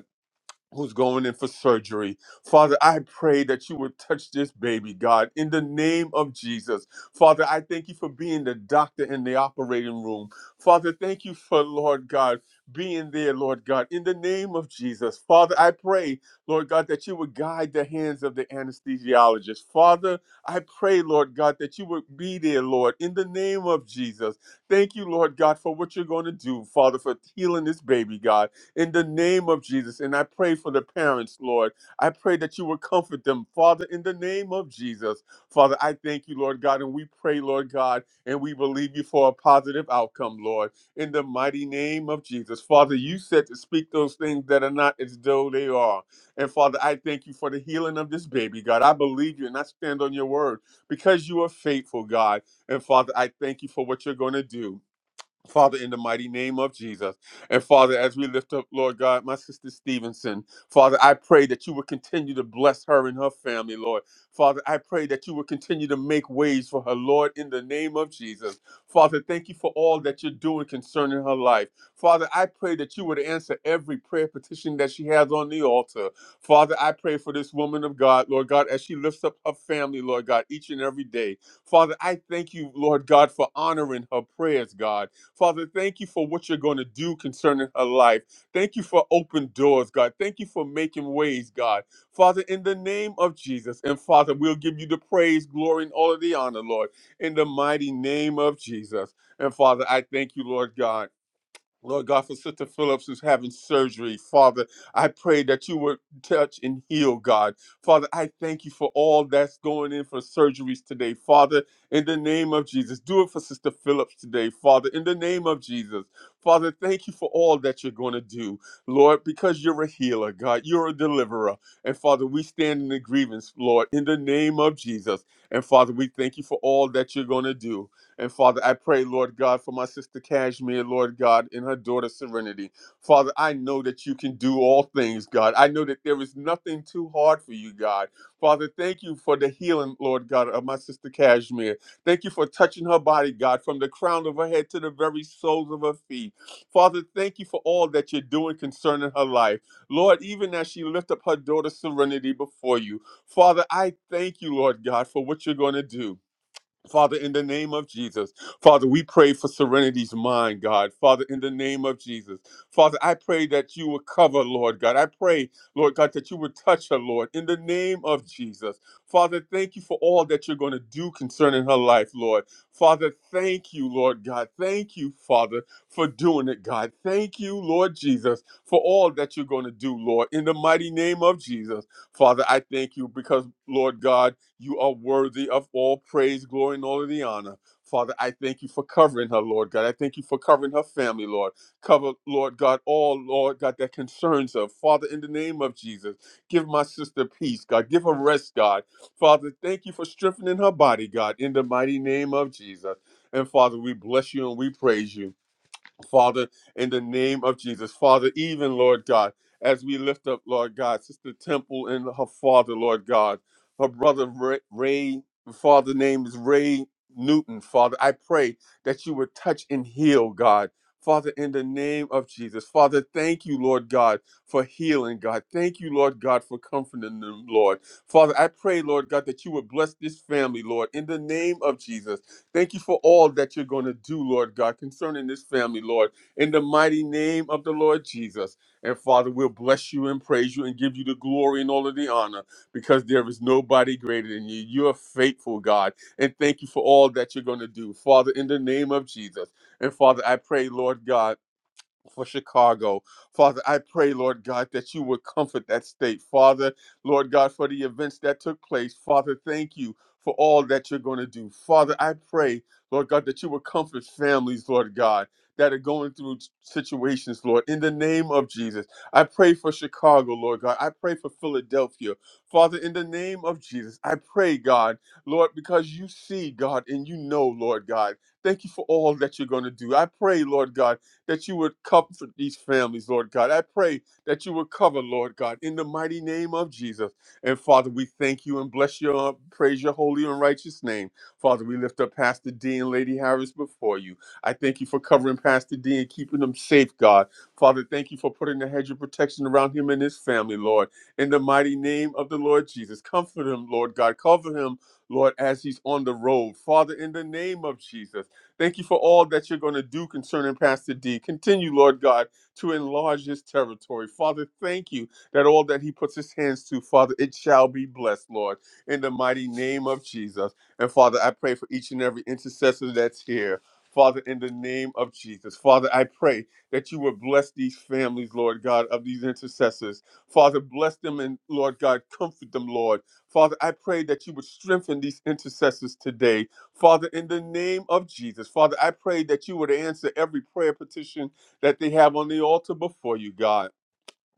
who's going in for surgery. Father, I pray that you would touch this baby, God, in the name of Jesus. Father, I thank you for being the doctor in the operating room. Father, thank you for, Lord God, being there, Lord God, in the name of Jesus. Father, I pray, Lord God, that you would guide the hands of the anesthesiologist. Father, I pray, Lord God, that you would be there, Lord, in the name of Jesus. Thank you, Lord God, for what you're going to do, Father, for healing this baby, God in the name of Jesus. And I pray for the parents, Lord. I pray that you would comfort them, Father, in the name of Jesus. Father, I thank you, Lord God, and we pray, Lord God, and we believe you for a positive outcome, Lord, in the mighty name of Jesus. Father, you said to speak those things that are not as though they are. And Father, I thank you for the healing of this baby, God. I believe you and I stand on your word because you are faithful, God. And Father, I thank you for what you're going to do. Father, in the mighty name of Jesus. And Father, as we lift up, Lord God, my sister Stevenson, Father, I pray that you would continue to bless her and her family, Lord. Father, I pray that you would continue to make ways for her, Lord, in the name of Jesus. Father, thank you for all that you're doing concerning her life. Father, I pray that you would answer every prayer petition that she has on the altar. Father, I pray for this woman of God, Lord God, as she lifts up her family, Lord God, each and every day. Father, I thank you, Lord God, for honoring her prayers, God. Father, thank you for what you're going to do concerning her life. Thank you for open doors, God. Thank you for making ways, God. Father, in the name of Jesus, and Father, we'll give you the praise, glory, and all of the honor, Lord, in the mighty name of Jesus. And Father, I thank you, Lord God. Lord God, for Sister Phillips who's having surgery, Father, I pray that you would touch and heal, God. Father, I thank you for all that's going in for surgeries today, Father, in the name of Jesus. Do it for Sister Phillips today, Father, in the name of Jesus. Father, thank you for all that you're going to do, Lord, because you're a healer, God. You're a deliverer. And Father, we stand in the grievance, Lord, in the name of Jesus. And Father, we thank you for all that you're going to do. And Father, I pray, Lord God, for my sister Cashmere, Lord God, and her daughter Serenity. Father, I know that you can do all things, God. I know that there is nothing too hard for you, God. Father, thank you for the healing, Lord God, of my sister Cashmere. Thank you for touching her body, God, from the crown of her head to the very soles of her feet. Father, thank you for all that you're doing concerning her life. Lord, even as she lift up her daughter Serenity before you, Father, I thank you, Lord God, for what you're going to do. Father, in the name of Jesus, Father, we pray for Serenity's mind, God. Father, in the name of Jesus, Father, I pray that you will cover, Lord God. I pray, Lord God, that you would touch her, Lord, in the name of Jesus. Father, thank you for all that you're going to do concerning her life, Lord. Father, thank you, Lord God. Thank you, Father, for doing it, God. Thank you, Lord Jesus, for all that you're going to do, Lord, in the mighty name of Jesus. Father, I thank you because, Lord God, you are worthy of all praise, glory, and all of the honor. Father, I thank you for covering her, Lord God. I thank you for covering her family, Lord. Cover, Lord God, all, Lord God, that concerns her. Father, in the name of Jesus, give my sister peace, God. Give her rest, God. Father, thank you for strengthening her body, God, in the mighty name of Jesus. And Father, we bless you and we praise you. Father, in the name of Jesus. Father, even, Lord God, as we lift up, Lord God, Sister Temple and her father, Lord God, her brother Ray, Ray father name is Ray Newton, Father. I pray that you would touch and heal, God. Father, in the name of Jesus. Father, thank you, Lord God, for healing, God. Thank you, Lord God, for comforting them, Lord. Father, I pray, Lord God, that you would bless this family, Lord, in the name of Jesus. Thank you for all that you're going to do, Lord God, concerning this family, Lord, in the mighty name of the Lord Jesus. And Father, we'll bless you and praise you and give you the glory and all of the honor because there is nobody greater than you. You're faithful, God. And thank you for all that you're going to do, Father, in the name of Jesus. And Father, I pray, Lord God for Chicago. Father, I pray, Lord God, that you would comfort that state. Father, Lord God, for the events that took place. Father, thank you for all that you're going to do. Father, I pray, Lord God, that you would comfort families, Lord God, that are going through situations, Lord, in the name of Jesus. I pray for Chicago, Lord God. I pray for Philadelphia. Father, in the name of Jesus, I pray, God, Lord, because you see, God, and you know, Lord God. Thank you for all that you're going to do. I pray, Lord God that you would comfort these families, Lord God. I pray that you would cover, Lord God, in the mighty name of Jesus. And Father, we thank you and bless your, uh, praise your holy and righteous name. Father, we lift up Pastor D and Lady Harris before you. I thank you for covering Pastor D and keeping them safe, God. Father, thank you for putting a hedge of protection around him and his family, Lord. In the mighty name of the Lord Jesus, comfort him, Lord God. Cover him, Lord, as he's on the road. Father, in the name of Jesus. Thank you for all that you're going to do concerning Pastor D. Continue, Lord God, to enlarge his territory. Father, thank you that all that he puts his hands to, Father, it shall be blessed, Lord, in the mighty name of Jesus. And Father, I pray for each and every intercessor that's here. Father, in the name of Jesus. Father, I pray that you would bless these families, Lord God, of these intercessors. Father, bless them and, Lord God, comfort them, Lord. Father, I pray that you would strengthen these intercessors today. Father, in the name of Jesus, Father, I pray that you would answer every prayer petition that they have on the altar before you, God.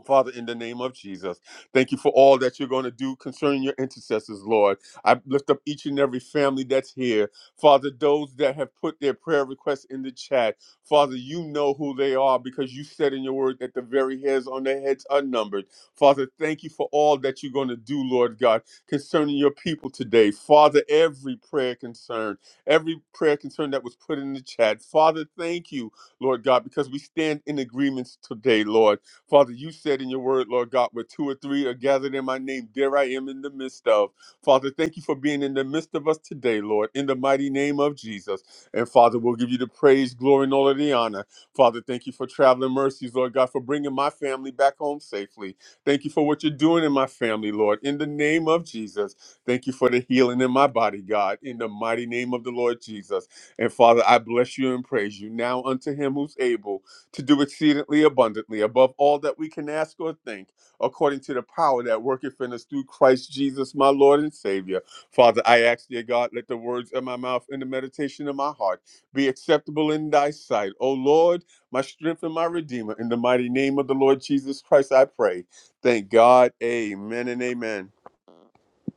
Father, in the name of Jesus, thank you for all that you're going to do concerning your intercessors, Lord. I lift up each and every family that's here. Father, those that have put their prayer requests in the chat, Father, you know who they are because you said in your word that the very hairs on their heads are numbered. Father, thank you for all that you're going to do, Lord God, concerning your people today. Father, every prayer concern, every prayer concern that was put in the chat, Father, thank you, Lord God, because we stand in agreements today, Lord. Father, you said in your word, Lord God, where two or three are gathered in my name, there I am in the midst of. Father, thank you for being in the midst of us today, Lord, in the mighty name of Jesus. And Father, we'll give you the praise, glory, and all of the honor. Father, thank you for traveling mercies, Lord God, for bringing my family back home safely. Thank you for what you're doing in my family, Lord, in the name of Jesus. Thank you for the healing in my body, God, in the mighty name of the Lord Jesus. And Father, I bless you and praise you now unto him who's able to do exceedingly abundantly above all that we can ask or think, according to the power that worketh in us through Christ Jesus, my Lord and Savior. Father, I ask, dear God, let the words of my mouth and the meditation of my heart be acceptable in thy sight. O Lord, my strength and my redeemer, in the mighty name of the Lord Jesus Christ, I pray. Thank God. Amen and amen.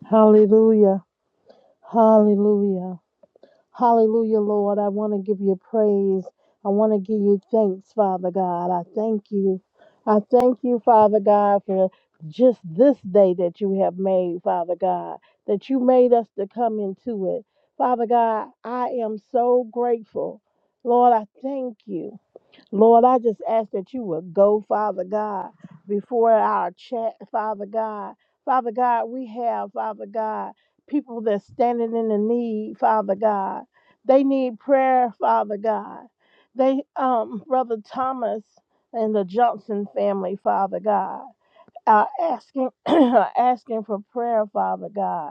Hallelujah. Hallelujah. Hallelujah, Lord. I want to give you praise. I want to give you thanks, Father God. I thank you. I thank you, Father God, for just this day that you have made, Father God, that you made us to come into it. Father God, I am so grateful. Lord, I thank you. Lord, I just ask that you would go, Father God, before our chat, Father God. Father God, we have, Father God, people that's standing in the need, Father God. They need prayer, Father God. They, um, Brother Thomas and the Johnson family, Father God, are asking, are asking for prayer, Father God.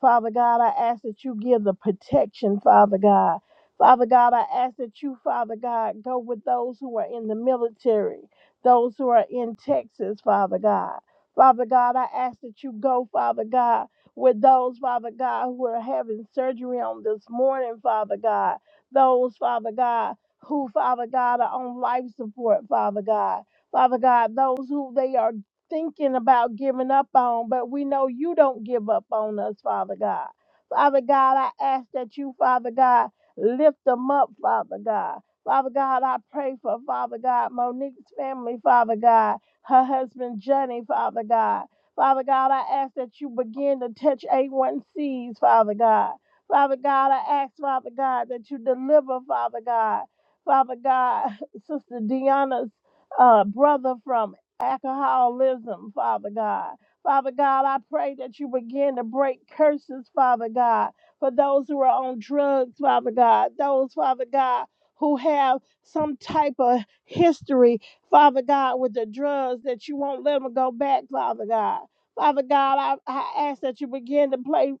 Father God, I ask that you give the protection, Father God. Father God, I ask that you, Father God, go with those who are in the military, those who are in Texas, Father God. Father God, I ask that you go, Father God, with those, Father God, who are having surgery on this morning, Father God. Those, Father God, who, Father God, are on life support, Father God. Father God, those who they are thinking about giving up on, but we know you don't give up on us, Father God. Father God, I ask that you, Father God, lift them up, Father God. Father God, I pray for Father God, Monique's family, Father God, her husband Johnny, Father God. Father God, I ask that you begin to touch A1Cs, Father God. Father God, I ask, Father God, that you deliver, Father God. Father God, Sister Deanna's uh, brother from alcoholism, Father God. Father God, I pray that you begin to break curses, Father God, for those who are on drugs, Father God, those, Father God, who have some type of history, Father God, with the drugs that you won't let them go back, Father God. Father God, I, I ask that you begin to play,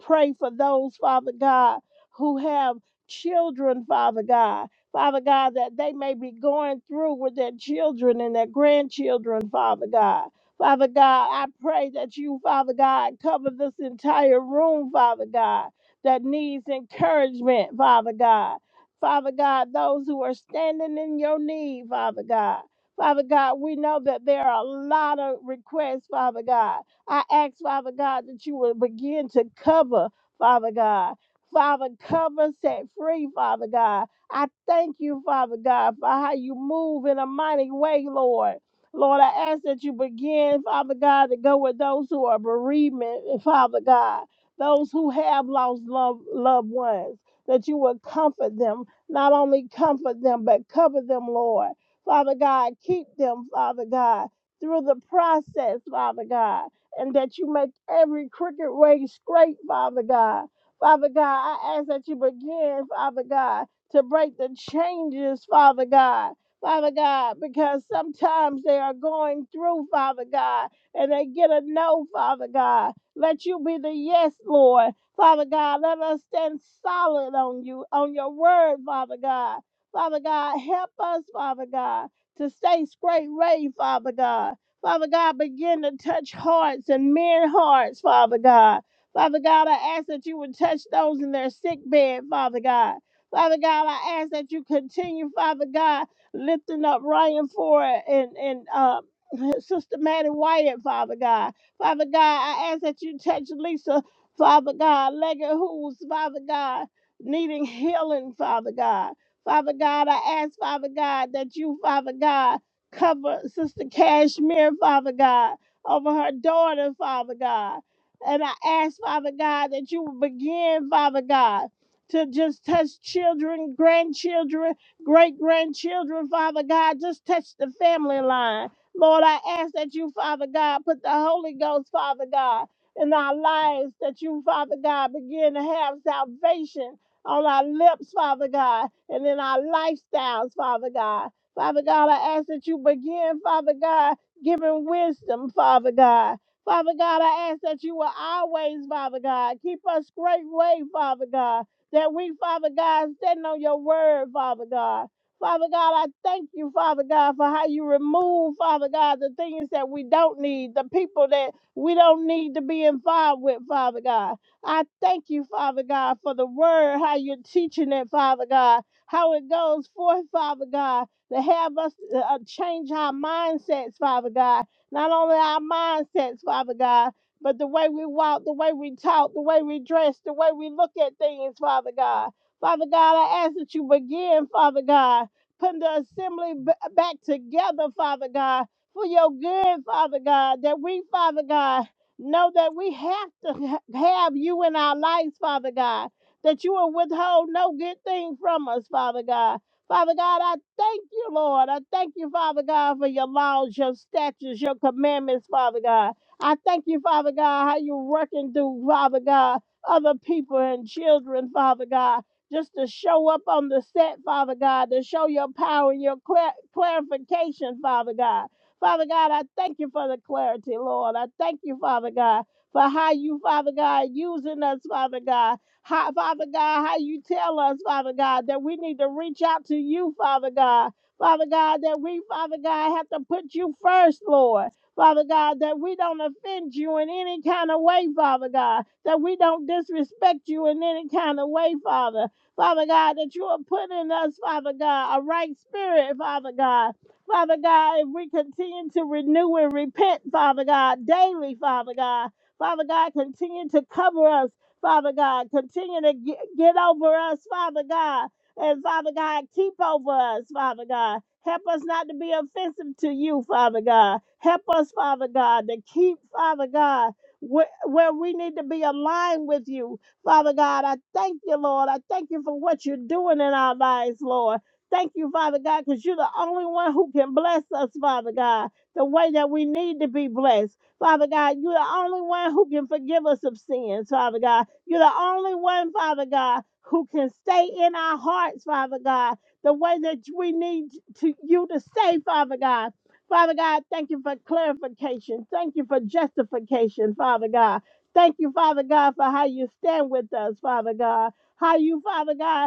pray for those, Father God, who have children, Father God Father God, that they may be going through with their children and their grandchildren, Father God. Father God, I pray that you, Father God, cover this entire room, Father God, that needs encouragement, Father God. Father God, those who are standing in your need, Father God. Father God, we know that there are a lot of requests, Father God. I ask, Father God, that you will begin to cover, Father God. Father, cover, set free, Father God. I thank you, Father God, for how you move in a mighty way, Lord. Lord, I ask that you begin, Father God, to go with those who are bereavement, Father God, those who have lost love, loved ones, that you would comfort them, not only comfort them, but cover them, Lord. Father God, keep them, Father God, through the process, Father God, and that you make every crooked way straight, Father God. Father God, I ask that you begin, Father God, to break the changes, Father God. Father God, because sometimes they are going through, Father God, and they get a no, Father God. Let you be the yes, Lord. Father God, let us stand solid on you, on your word, Father God. Father God, help us, Father God, to stay straight ray, Father God. Father God, begin to touch hearts and men hearts, Father God. Father God, I ask that you would touch those in their sick bed, Father God. Father God, I ask that you continue, Father God, lifting up Ryan Ford and and um Sister Maddie Wyatt, Father God. Father God, I ask that you touch Lisa, Father God, Leggett who's Father God, needing healing, Father God. Father God, I ask, Father God, that you, Father God, cover Sister Cashmere, Father God, over her daughter, Father God. And I ask, Father God, that you will begin, Father God to just touch children, grandchildren, great grandchildren, Father God. Just touch the family line. Lord, I ask that you, Father God, put the Holy Ghost, Father God, in our lives, that you, Father God, begin to have salvation on our lips, Father God, and in our lifestyles, Father God. Father God, I ask that you begin, Father God, giving wisdom, Father God. Father God, I ask that you will always, Father God, keep us straight way, Father God that we, Father God, stand on your word, Father God. Father God, I thank you, Father God, for how you remove, Father God, the things that we don't need, the people that we don't need to be involved with, Father God. I thank you, Father God, for the word, how you're teaching it, Father God, how it goes forth, Father God, to have us uh, change our mindsets, Father God. Not only our mindsets, Father God, but the way we walk, the way we talk, the way we dress, the way we look at things, Father God. Father God, I ask that you begin, Father God, putting the assembly b- back together, Father God, for your good, Father God, that we, Father God, know that we have to ha- have you in our lives, Father God, that you will withhold no good thing from us, Father God. Father God, I thank you, Lord. I thank you, Father God, for your laws, your statutes, your commandments, Father God. I thank you, Father God, how you're working through, Father God, other people and children, Father God, just to show up on the set, Father God, to show your power and your clar- clarification, Father God. Father God, I thank you for the clarity, Lord. I thank you, Father God, for how you, Father God, using us, Father God. How, Father God, how you tell us, Father God, that we need to reach out to you, Father God. Father God, that we, Father God, have to put you first, Lord. Father God, that we don't offend you in any kind of way, Father God, that we don't disrespect you in any kind of way, Father. Father God, that you are putting in us, Father God, a right spirit, Father God. Father God, if we continue to renew and repent, Father God, daily, Father God. Father God, continue to cover us, Father God. Continue to get, get over us, Father God. And Father God, keep over us, Father God. Help us not to be offensive to you, Father God. Help us, Father God, to keep, Father God, where, where we need to be aligned with you. Father God, I thank you, Lord. I thank you for what you're doing in our lives, Lord. Thank you, Father God, because you're the only one who can bless us, Father God, the way that we need to be blessed. Father God, you're the only one who can forgive us of sins, Father God. You're the only one, Father God, who can stay in our hearts, Father God, the way that we need to you to say, Father God. Father God, thank you for clarification. Thank you for justification, Father God. Thank you, Father God, for how you stand with us, Father God. How you, Father God,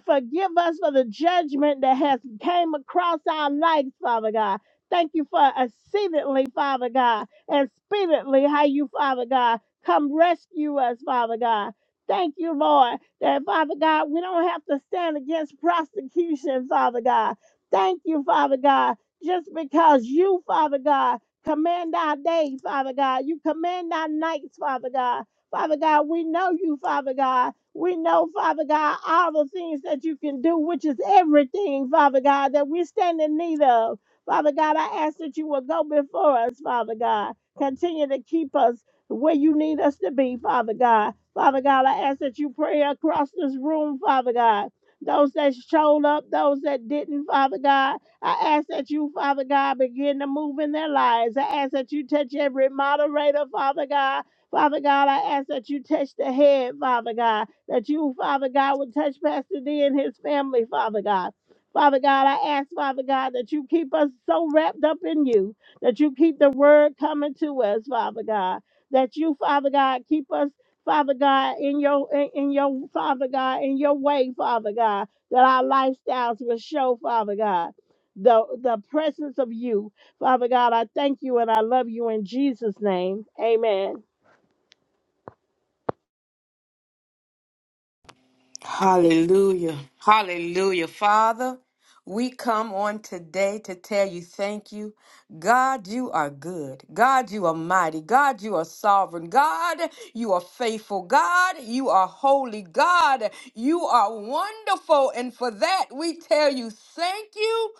forgive us for the judgment that has came across our lives, Father God. Thank you for exceedingly, Father God, and speedily how you, Father God, come rescue us, Father God. Thank you, Lord, that Father God, we don't have to stand against prosecution, Father God. Thank you, Father God, just because you, Father God, command our days, Father God. You command our nights, Father God. Father God, we know you, Father God. We know, Father God, all the things that you can do, which is everything, Father God, that we stand in need of. Father God, I ask that you will go before us, Father God. Continue to keep us where you need us to be, Father God. Father God, I ask that you pray across this room, Father God. Those that showed up, those that didn't, Father God, I ask that you, Father God, begin to move in their lives. I ask that you touch every moderator, Father God. Father God, I ask that you touch the head, Father God that you, Father God, would touch Pastor D and his family, Father God. Father God, I ask, Father God, that you keep us so wrapped up in you, that you keep the word coming to us, Father God. That you, Father God, keep us, Father God, in your in, in your Father God, in your way, Father God, that our lifestyles will show, Father God, the the presence of you. Father God, I thank you and I love you in Jesus' name. Amen.
Hallelujah. Hallelujah. Father, we come on today to tell you thank you. God, you are good. God, you are mighty. God, you are sovereign. God, you are faithful. God, you are holy. God, you are wonderful. And for that, we tell you thank you.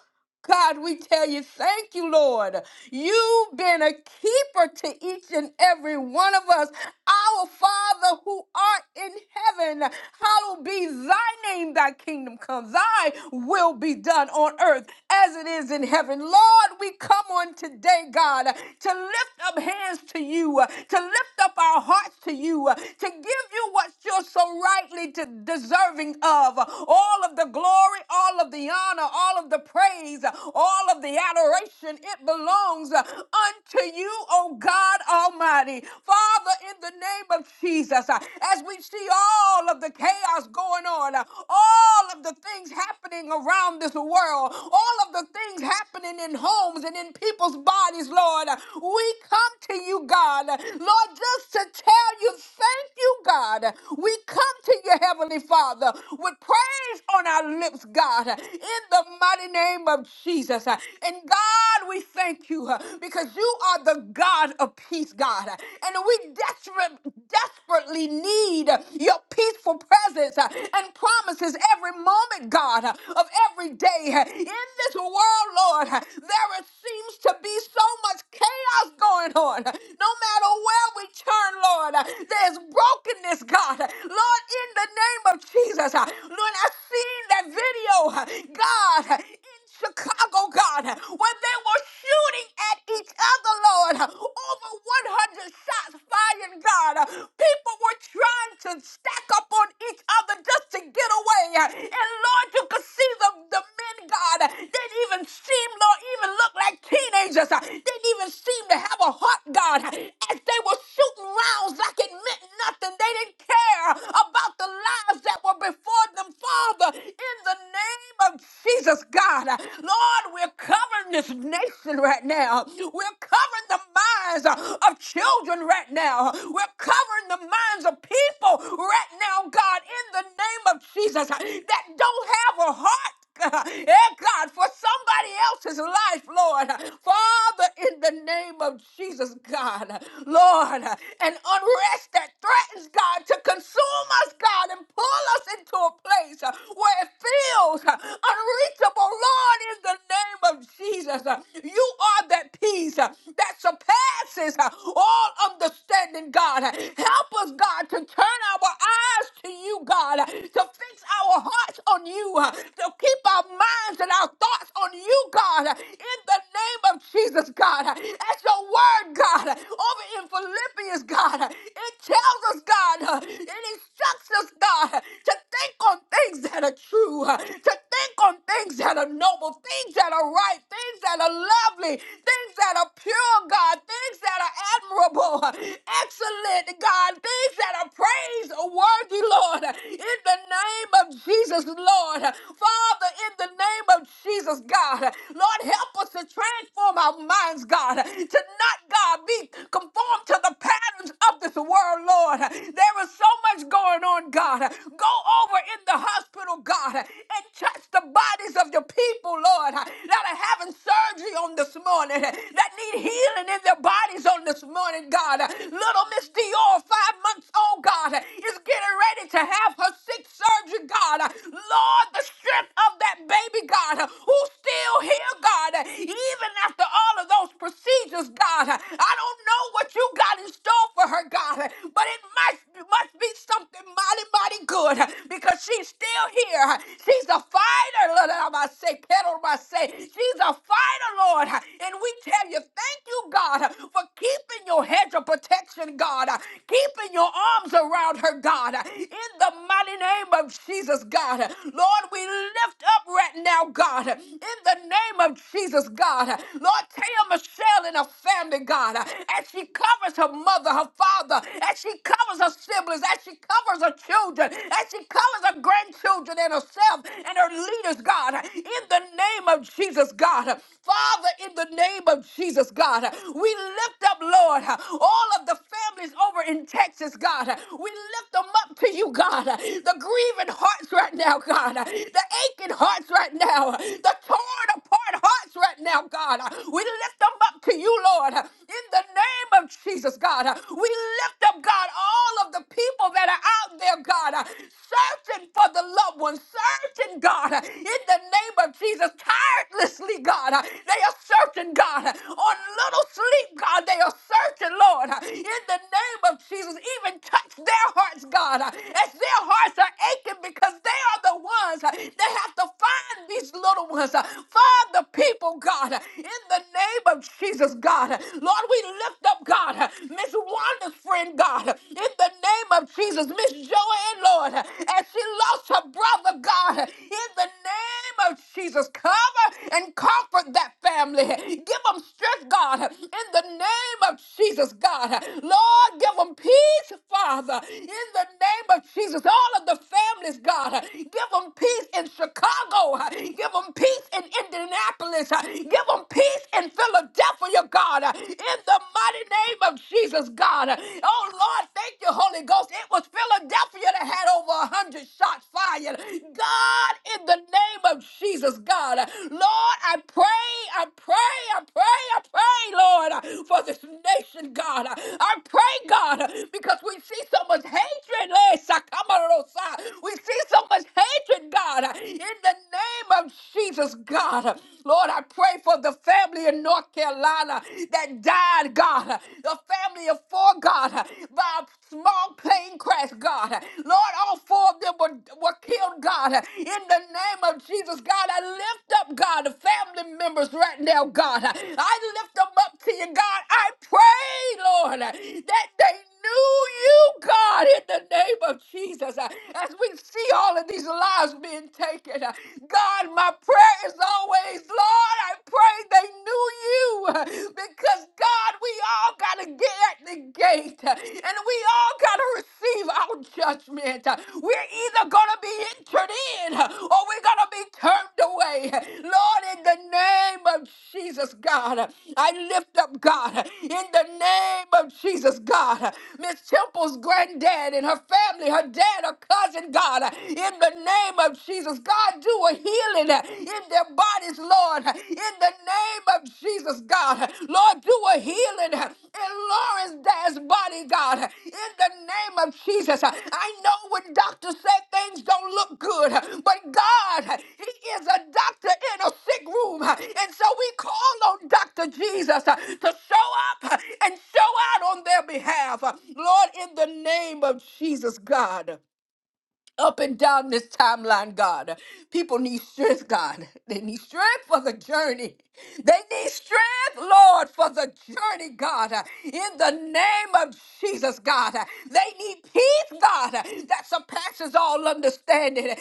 God, we tell you, thank you, Lord. You've been a keeper to each and every one of us. Our Father who art in heaven, hallowed be thy name, thy kingdom come, thy will be done on earth as it is in heaven. Lord, we come on today, God, to lift up hands to you, to lift up our hearts to you, to give you what you're so rightly to- deserving of all of the glory, all of the honor, honor, all of the praise, all of the adoration. It belongs unto you, O God Almighty. Father, in the name of Jesus, uh, as we see all of the chaos going on, uh, all of the things happening around this world, all of the things happening in homes and in people's bodies, Lord, uh, we come to you, God, uh, Lord, just to tell you thank you, God. We come to you, Heavenly Father, with praise on our lips lips, God, in the mighty name of Jesus. And God, we thank you uh, because you are the God of peace, God. And we desperate, desperately need your peaceful presence uh, and promises every moment, God, of every day. In this world, Lord, there seems to be so much chaos going on. No matter where we turn, Lord, there's brokenness, God. Lord, in the name of Jesus, Lord, I've seen that video, God, in Chicago, God, when they were shooting at each other, Lord, over 100 shots fired, God. People were trying to stack up on each other just to get away. And Lord, you could see the, the men, God, didn't even seem, Lord, even look like teenagers soldiers uh, didn't even seem to have a heart, God. As they were shooting rounds like it meant nothing, they didn't care about the lives that were before them, Father. In the name of Jesus, God, uh, Lord, we're covering this nation right now. We're covering the minds uh, of children right now. We're covering the minds of people right now, God, in the name of Jesus, uh, that don't have a heart. God, eh, God, for somebody else's life, Lord. Lord. Father, in the name of Jesus, God, Lord, an unrest that threatens, God, to consume us, God, and pull us into a place uh, where it feels uh, unreachable. Lord, in the name of Jesus, uh, you are that peace uh, that surpasses uh, all understanding, God. Help us, God, to turn our eyes to you, God, to fix our hearts on you, uh, to keep our minds and our thoughts on you, God, in the name of Jesus, God. That's your word, God. Over in Philippians, God, it tells us, God, it instructs us, God, to think on things that are true, to think on things that are noble, things that are right, things that are lovely, things that are pure, God, things that are admirable, excellent, God, things that are praiseworthy, Lord. In the name of Jesus, Lord. Father, in the name of Jesus, God, Lord, help us to transform our minds, God, to not, God, be conformed to the patterns of this world, Lord. There is so much going on, God. Go over in the hospital, God, and touch the bodies of your people, Lord, that are having surgery on this morning, that need healing in their bodies on this this morning, God. Little Miss Dior, five months old, God, is getting ready to have her sixth surgery, God. Lord, the strength of that baby, God, who's still here, God, even after all of those procedures, God. I don't know what you got in store for her, God, but it must, must be something mighty, mighty good because she's still here. She's a fighter, Lord. I must say, pedal, I must say, she's a fighter, Lord. And we tell you, thank you, God, for keeping your hedge of protection, God, keeping your arms around her, God, in the mighty name of Jesus, God. Lord, we lift up right now, God, in the name of Jesus, God. Lord, Taya Michelle and her family, God, as she covers her mother, her father, as she covers her siblings, as she covers her children, as she covers her grandchildren and herself and her leaders, God, in the name of Jesus, God. Father, in the name of Jesus, God, we lift up, Lord, all of the families over in Texas, God. We lift them up to you, God. The grieving hearts right now, God. The aching hearts right now. The torn apart hearts right now, God. We lift them up to you, Lord. In the name of Jesus, God. We lift up, God, all of the people that are out there, God, searching for the Lord loved ones searching, God, uh, in the name of Jesus, tirelessly, God. uh, They are searching, God, uh, on little sleep, God. They are searching, Lord, uh, in the name of Jesus. Even touch their hearts, God, uh, as their hearts are aching because they are the ones that have to find these little ones, uh, find the people, God, uh, in the name of Jesus, God. uh, Lord, we lift up, God, uh, Miss Wanda's friend, God, uh, in the name of Jesus. Jesus, Miss Joanne, Lord, as she lost her brother, God, in the name of Jesus, cover and comfort that family. Give them strength, God, in the name of Jesus, God. Lord, give them peace, Father, in the name of Jesus. All of the families, God, give them peace in Chicago. Give them peace in Indianapolis. Give them peace in Philadelphia, God, in the mighty name of Jesus. Jesus, God. Oh, Lord, thank you, Holy Ghost. It was Philadelphia that had over a 100 shots fired. God, in the name of Jesus, God. Lord, I pray, I pray, I pray, I pray, Lord, for this nation, God. I pray, God, because we see so much hatred. eh, Sakamarosa. We see so much hatred, God, in the name of Jesus, God. Lord, I pray for the family in North Carolina. God, uh, that died, God, uh, the family of four, God, uh, by a small plane crash, God. uh, Lord, all four of them were, were killed, God. uh, In the name of Jesus, God, I lift up, God, the family members right now, God. uh, I lift them up up to you, God. I pray, Lord, that they knew you, God, in the name of Jesus. Uh, As we see all of these lives being taken, uh, God, my prayer is always, Lord, I pray they knew you uh, because, God, we all got to get at the gate uh, and we all got to receive our judgment. Uh, We're we're either going to be entered in or we're going to be turned away. Lord, in the name of Jesus, God, I lift up God. In the name of Jesus, God, Miss Temple's granddad and her family, her dad, her cousin, God, in the name of Jesus, God, do a healing in their bodies, Lord, in the name of Jesus. Jesus, God. Lord, do a healing in Lawrence Dad's body, God. In the name of Jesus. I know when doctors say things don't look good, but God, He is a doctor in a sick room. And so we call on Dr. Jesus to show up and show out on their behalf. Lord, in the name of Jesus, God up and down this timeline, God. People need strength, God. They need strength for the journey. They need strength, Lord, for the journey, God. In the name of Jesus, God. They need peace, God, that surpasses all understanding. They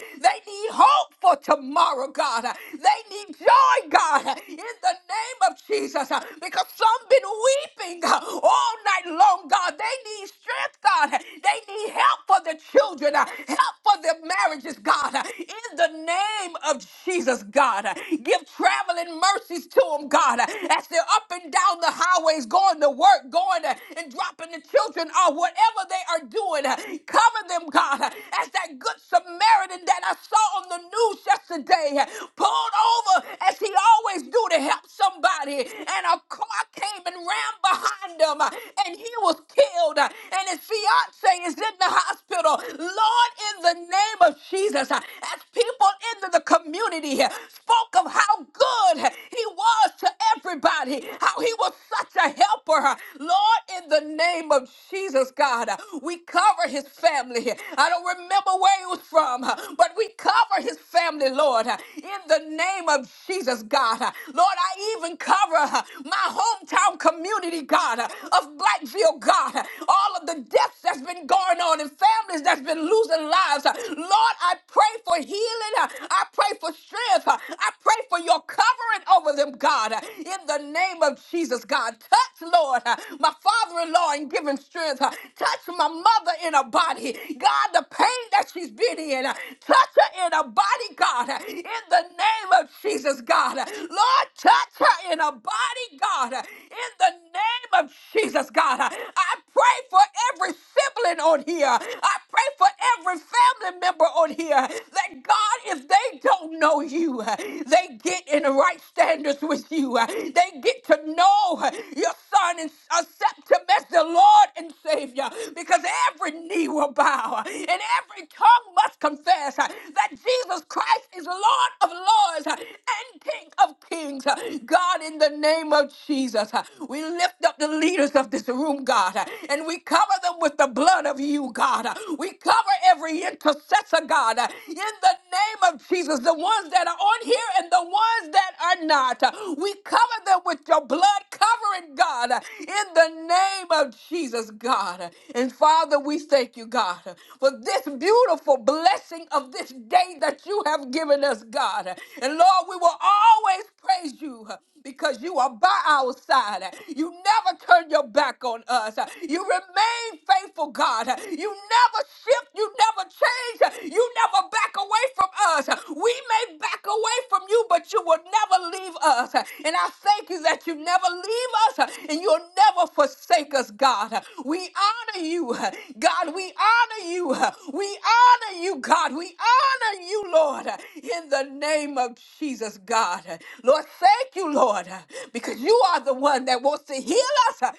need hope for tomorrow, God. They need joy, God, in the name of Jesus. Because some been weeping all night long, God. They need strength, God. They need help help for the children, uh, help for the marriages, God, uh, in the name of Jesus, God. Uh, Give traveling mercies to them, God, uh, as they're up and down the highways, going to work, going uh, and dropping the children off, whatever they are doing, uh, cover them, God, uh, as that good Samaritan that I saw on the news yesterday uh, pulled over as he always do to help somebody, and a car came and ran behind him, uh, and he was killed, uh, And and his fiance is in the hospital. Lord, in the name of Jesus, uh, as people in the community uh, spoke of how good uh, he was to everybody, how he was such a helper. uh, Lord, in the name of Jesus, God, uh, we cover his family. I don't remember where he was from, uh, but we cover his family, Lord, uh, in the name of Jesus, God. Uh, Lord, I even cover uh, my hometown community, God, uh, of black Blackfield, God, all of the deaths that's been going on and families that's been losing lives. Lord, I pray for healing. I pray for strength. I pray for your covering over them, God, in the name of Jesus, God. Touch, Lord, my father in law and give him strength. Touch my mother in her body. God, the pain that she's been in, touch her in her body, God, in the name of Jesus, God. Lord, touch her in her body, God, in the name of Jesus, God. I I pray for every sibling on here. I pray for every family member on here that God, if they don't know you, they get in the right standards with you. They get to know your son and accept him as the Lord and Savior because every knee will bow and every tongue must confess that Jesus Christ is Lord of Lords and King of Kings. God, in the in the name of Jesus. Uh, We lift up the leaders of this room, God, uh, and we cover them with the blood of you, God. Uh, We cover every intercessor, God, uh, in the name of Jesus, the ones that are on here and the ones that are not. Uh, We cover them with your blood covering, God, uh, in the name of Jesus, God. Uh, And Father, we thank you, God, uh, for this beautiful blessing of this day that you have given us, God. And Lord, we will always always praise you uh, because you are by our side. Uh, You never turn your back on us. Uh, You remain faithful, God. Uh, You never shift. You never change. Uh, You never back away from us. Uh, We may back away from you, but you will never leave us. Uh, And I thank you that you never leave us uh, and you'll never forsake us, God. Uh, We honor you, uh, God. We honor you. uh, We honor you, God. We honor you, Lord, uh, in the name name of Jesus, God. Lord, thank you, Lord, because you are the one that wants to heal us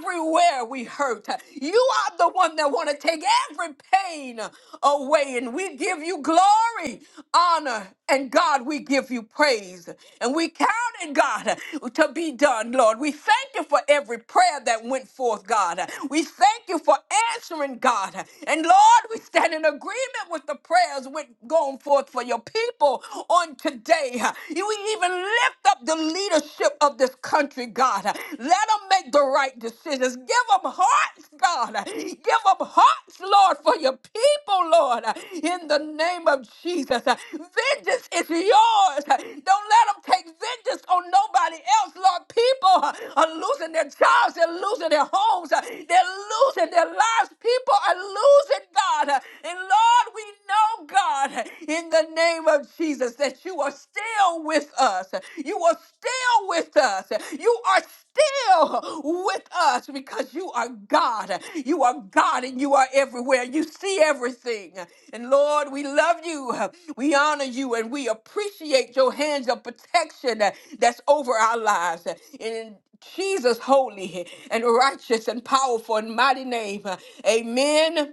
everywhere we hurt. You are the one that wants to take every pain away, and we give you glory, honor, and God, we give you praise. And we count it, God, to be done, Lord. We thank you for every prayer that went forth, God. We thank you for answering, God. And Lord, we stand in agreement with the prayers with going going forth for your people on today. You even lift up the leadership of this country, God. Let them make the right decisions. Give them hearts, God. Give them hearts, Lord, for your people, Lord, in the name of Jesus. Vengeance is yours. Don't let them take vengeance on nobody else, Lord. People are losing their jobs, they're losing their homes, they're losing their lives. People are losing, God. And Lord, we know oh God, in the name of Jesus, that you are still with us. You are still with us. You are still with us because you are God. You are God and you are everywhere. You see everything. And Lord, we love you. We honor you and we appreciate your hands of protection that's over our lives. In Jesus' holy and righteous and powerful and mighty name, amen.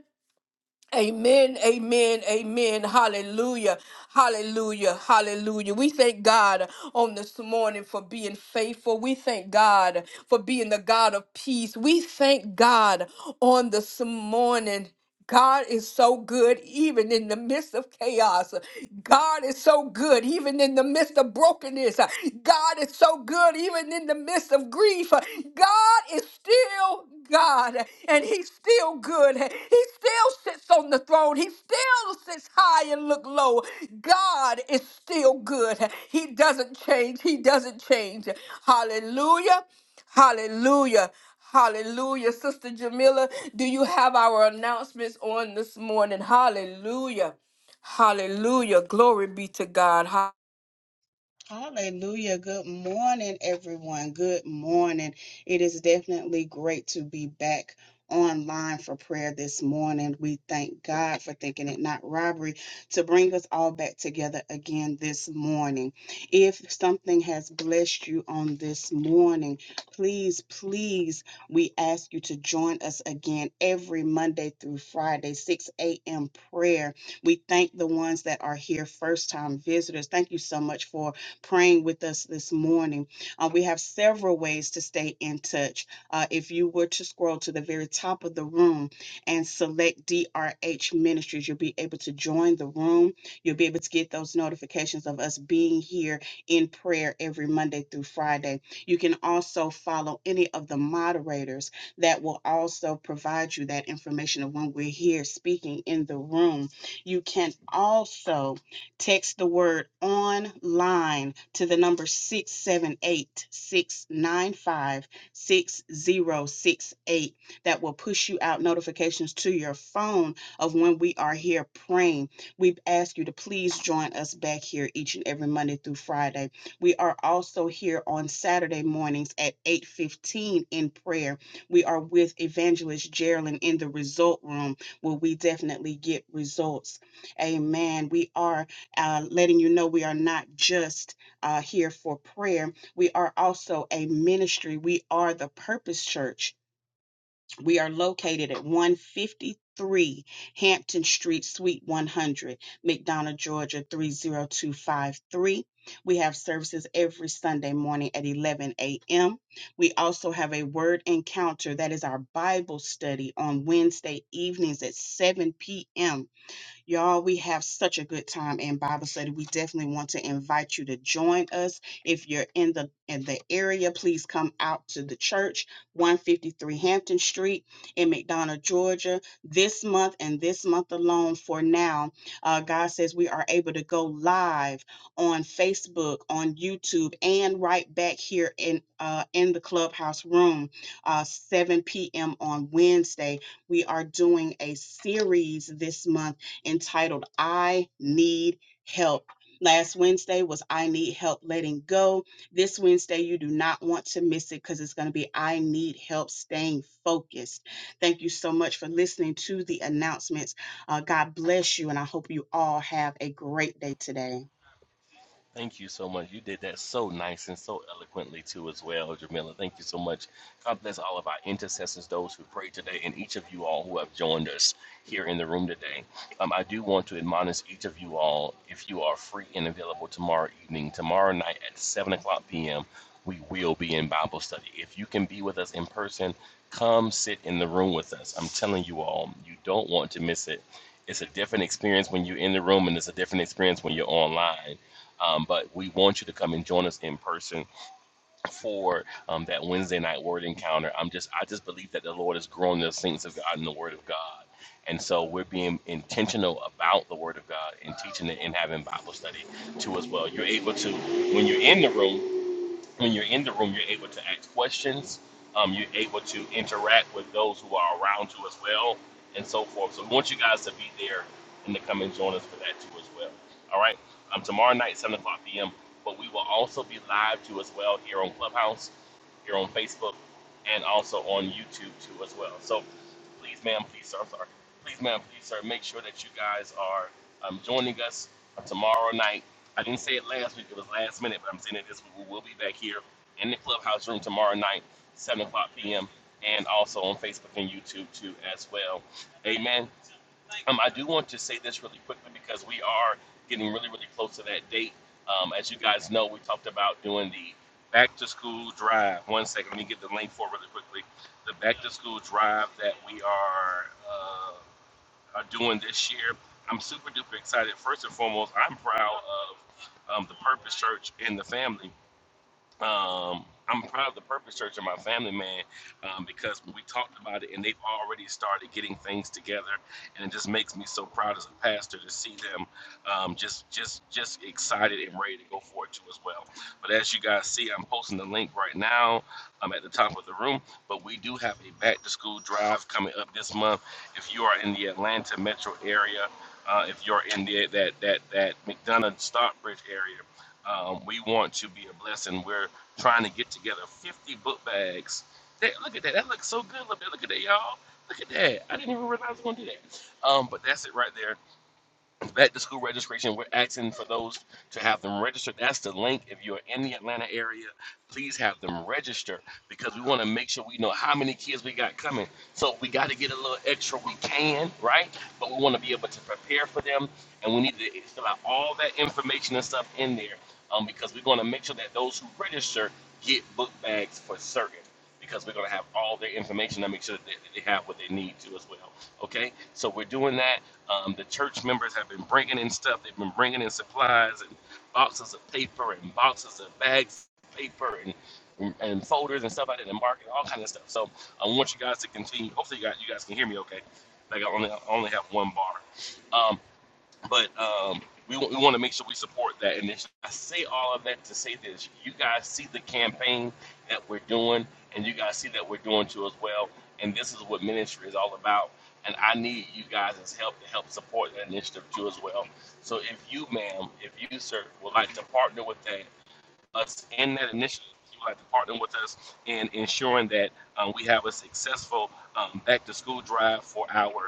Amen, amen, amen. Hallelujah, hallelujah, hallelujah. We thank God on this morning for being faithful. We thank God for being the God of peace. We thank God on this morning. God is so good even in the midst of chaos. God is so good even in the midst of brokenness. God is so good even in the midst of grief. God God is still God and he's still good. He still sits on the throne. He still sits high and look low. God is still good. He doesn't change. He doesn't change. Hallelujah. Hallelujah. Hallelujah. Sister Jamila, do you have our announcements on this morning? Hallelujah. Hallelujah. Glory be to God.
Hallelujah. Good morning, everyone. Good morning. It is definitely great to be back online for prayer this morning. We thank God for thinking it not robbery to bring us all back together again this morning. If something has blessed you on this morning, please, please, we ask you to join us again every Monday through Friday, 6 a.m. prayer. We thank the ones that are here, first time visitors. Thank you so much for praying with us this morning. Uh, we have several ways to stay in touch. Uh, if you were to scroll to the very top of the room and select DRH Ministries, you'll be able to join the room. You'll be able to get those notifications of us being here in prayer every Monday through Friday. You can also follow any of the moderators that will also provide you that information of when we're here speaking in the room. You can also Text the word online to the number 678 695 6068. That will push you out notifications to your phone of when we are here praying. We ask you to please join us back here each and every Monday through Friday. We are also here on Saturday mornings at 8:15 in prayer. We are with Evangelist Geraldine in the result room where we definitely get results. Amen. We are uh, letting you know we are not just uh, here for prayer. We are also a ministry. We are the Purpose Church. We are located at 153 Hampton Street, Suite 100, McDonough, Georgia 30253. We have services every Sunday morning at 11 a.m. We also have a word encounter that is our Bible study on Wednesday evenings at 7 p.m Y'all, we have such a good time in Bible study. We definitely want to invite you to join us. If you're in the in the area, please come out to the church, 153 Hampton Street in McDonough, Georgia. This month and this month alone for now, uh, God says we are able to go live on Facebook, on YouTube, and right back here in uh, in the clubhouse room, uh, 7 p.m. on Wednesday. We are doing a series this month entitled I Need Help. Last Wednesday was I Need Help Letting Go. This Wednesday, you do not want to miss it because it's going to be I Need Help Staying Focused. Thank you so much for listening to the announcements. Uh, God bless you, and I hope you all have a great day today.
Thank you so much. You did that so nice and so eloquently too, as well, Jamila. Thank you so much. God bless all of our intercessors, those who prayed today, and each of you all who have joined us here in the room today. Um, I do want to admonish each of you all, if you are free and available tomorrow evening, tomorrow night at seven o'clock p.m., we will be in Bible study. If you can be with us in person, come sit in the room with us. I'm telling you all, you don't want to miss it. It's a different experience when you're in the room, and it's a different experience when you're online um, but we want you to come and join us in person for um, that Wednesday night word encounter. I'm just, I just believe that the Lord is growing the saints of God in the Word of God, and so we're being intentional about the Word of God and teaching it and having Bible study too as well. You're able to when you're in the room when you're in the room, you're able to ask questions. Um, you're able to interact with those who are around you as well, and so forth. So we want you guys to be there and to come and join us for that too as well. All right. Um, tomorrow night, seven o'clock p.m. But we will also be live too as well here on Clubhouse, here on Facebook, and also on YouTube too as well. So please, ma'am, please, sir, I'm sorry. Please, ma'am, please, sir, make sure that you guys are um, joining us tomorrow night I didn't say it last week; it was last minute. But I'm saying it this week. We will be back here in the clubhouse room tomorrow night, seven o'clock p.m. And also on Facebook and YouTube too, as well. Amen. Um, I do want to say this really quickly because we are getting really, really close to that date. Um, as you guys know, we talked about doing the back to school drive. One second, let me get the link for it really quickly. The back to school drive that we are uh, uh, doing this year. I'm super duper excited. First and foremost, I'm proud of um, the Purpose Church and the family. Um, I'm proud of the Purpose Church and my family, man, um, because we talked about it and they've already started getting things together, and it just makes me so proud as a pastor to see them um, just, just, just excited and ready to go for it too as well. But as you guys see, I'm posting the link right now um, at the top of the room. But we do have a back to school drive coming up this month. If you are in the Atlanta metro area, uh, if you're in the that that that McDonough Stockbridge area. Um, we want to be a blessing. We're trying to get together 50 book bags. That, look at that. That looks so good. Look at, look at that, y'all. Look at that. I didn't even realize I was going to do that. Um, but that's it right there. At the school registration, we're asking for those to have them register. That's the link. If you're in the Atlanta area, please have them register because we want to make sure we know how many kids we got coming. So if we got to get a little extra. We can, right? But we want to be able to prepare for them, and we need to fill out all that information and stuff in there um, because we're going to make sure that those who register get book bags for certain because we're going to have all their information and make sure that they they have what they need to as well. Okay, so we're doing that. Um, the church members have been bringing in stuff. They've been bringing in supplies and boxes of paper and boxes of bags of paper and and and folders and stuff like that and market, all kind of stuff. So I want you guys to continue. Hopefully, you guys you guys can hear me okay. Like I only I only have one bar. Um, but um, we, we want to make sure we support that initiative. I say all of that to say this: you guys see the campaign that we're doing, and you guys see that we're doing too as well. And this is what ministry is all about. And I need you guys' help to help support that initiative too as well. So if you, ma'am, if you, sir, would like to partner with that us in that initiative, if you would like to partner with us in ensuring that um, we have a successful um, back to school drive for our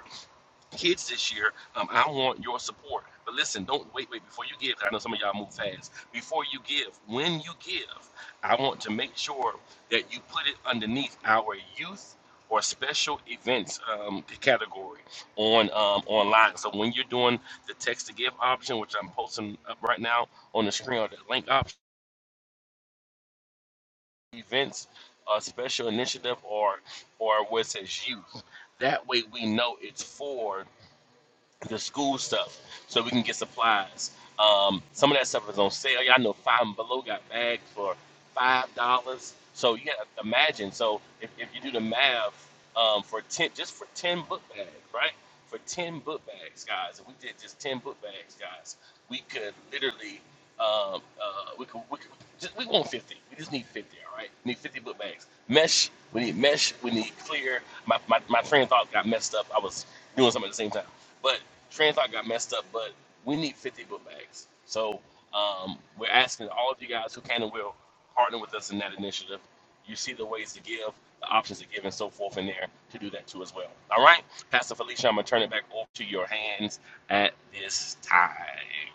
kids this year, um, I want your support. But listen, don't wait, wait before you give. 'cause I know some of y'all move fast. Before you give, when you give, I want to make sure that you put it underneath our youth or special events um, category on um, online. So when you're doing the text to give option, which I'm posting up right now on the screen, or the link option, events, uh, special initiative, or or where it says youth. That way we know it's for the school stuff so we can get supplies. Um, some of that stuff is on sale. Y'all know Five and Below got bags for five dollars. So you gotta imagine. So if, if you do the math um, for ten, just for ten book bags, right? For ten book bags, guys. If we did just ten book bags, guys, we could literally um, uh, we could we could just, we want fifty. We just need fifty. All right, we need fifty book bags. Mesh. We need mesh. We need clear. My my, my train of thought got messed up. I was doing something at the same time. But TransLock got messed up, but we need 50 book bags. So um, we're asking all of you guys who can and will partner with us in that initiative. You see the ways to give, the options to give, and so forth in there to do that too as well. All right, Pastor Felicia, I'm going to turn it back over to your hands at this time.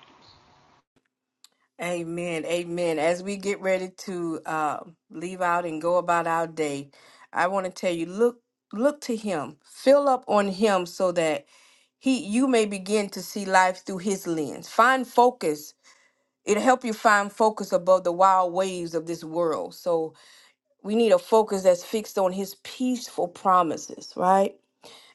Amen. Amen. As we get ready to uh, leave out and go about our day, I want to tell you look look to him. Fill up on him so that he you may begin to see life through his lens. Find focus. It'll help you find focus above the wild waves of this world. So we need a focus that's fixed on his peaceful promises, right?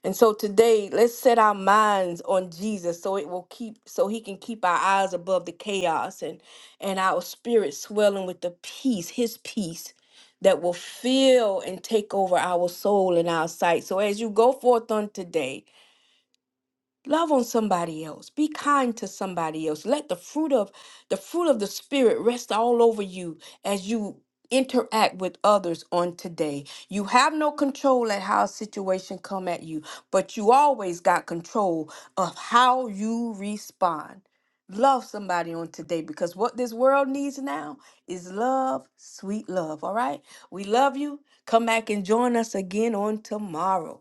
And so today, let's set our minds on Jesus so it will keep so he can keep our eyes above the chaos and and our spirit swelling with the peace, his peace that will fill and take over our soul and our sight. So as you go forth on today, love on somebody else be kind to somebody else let the fruit of the fruit of the spirit rest all over you as you interact with others on today you have no control at how a situation come at you but you always got control of how you respond love somebody on today because what this world needs now is love sweet love all right we love you come back and join us again on tomorrow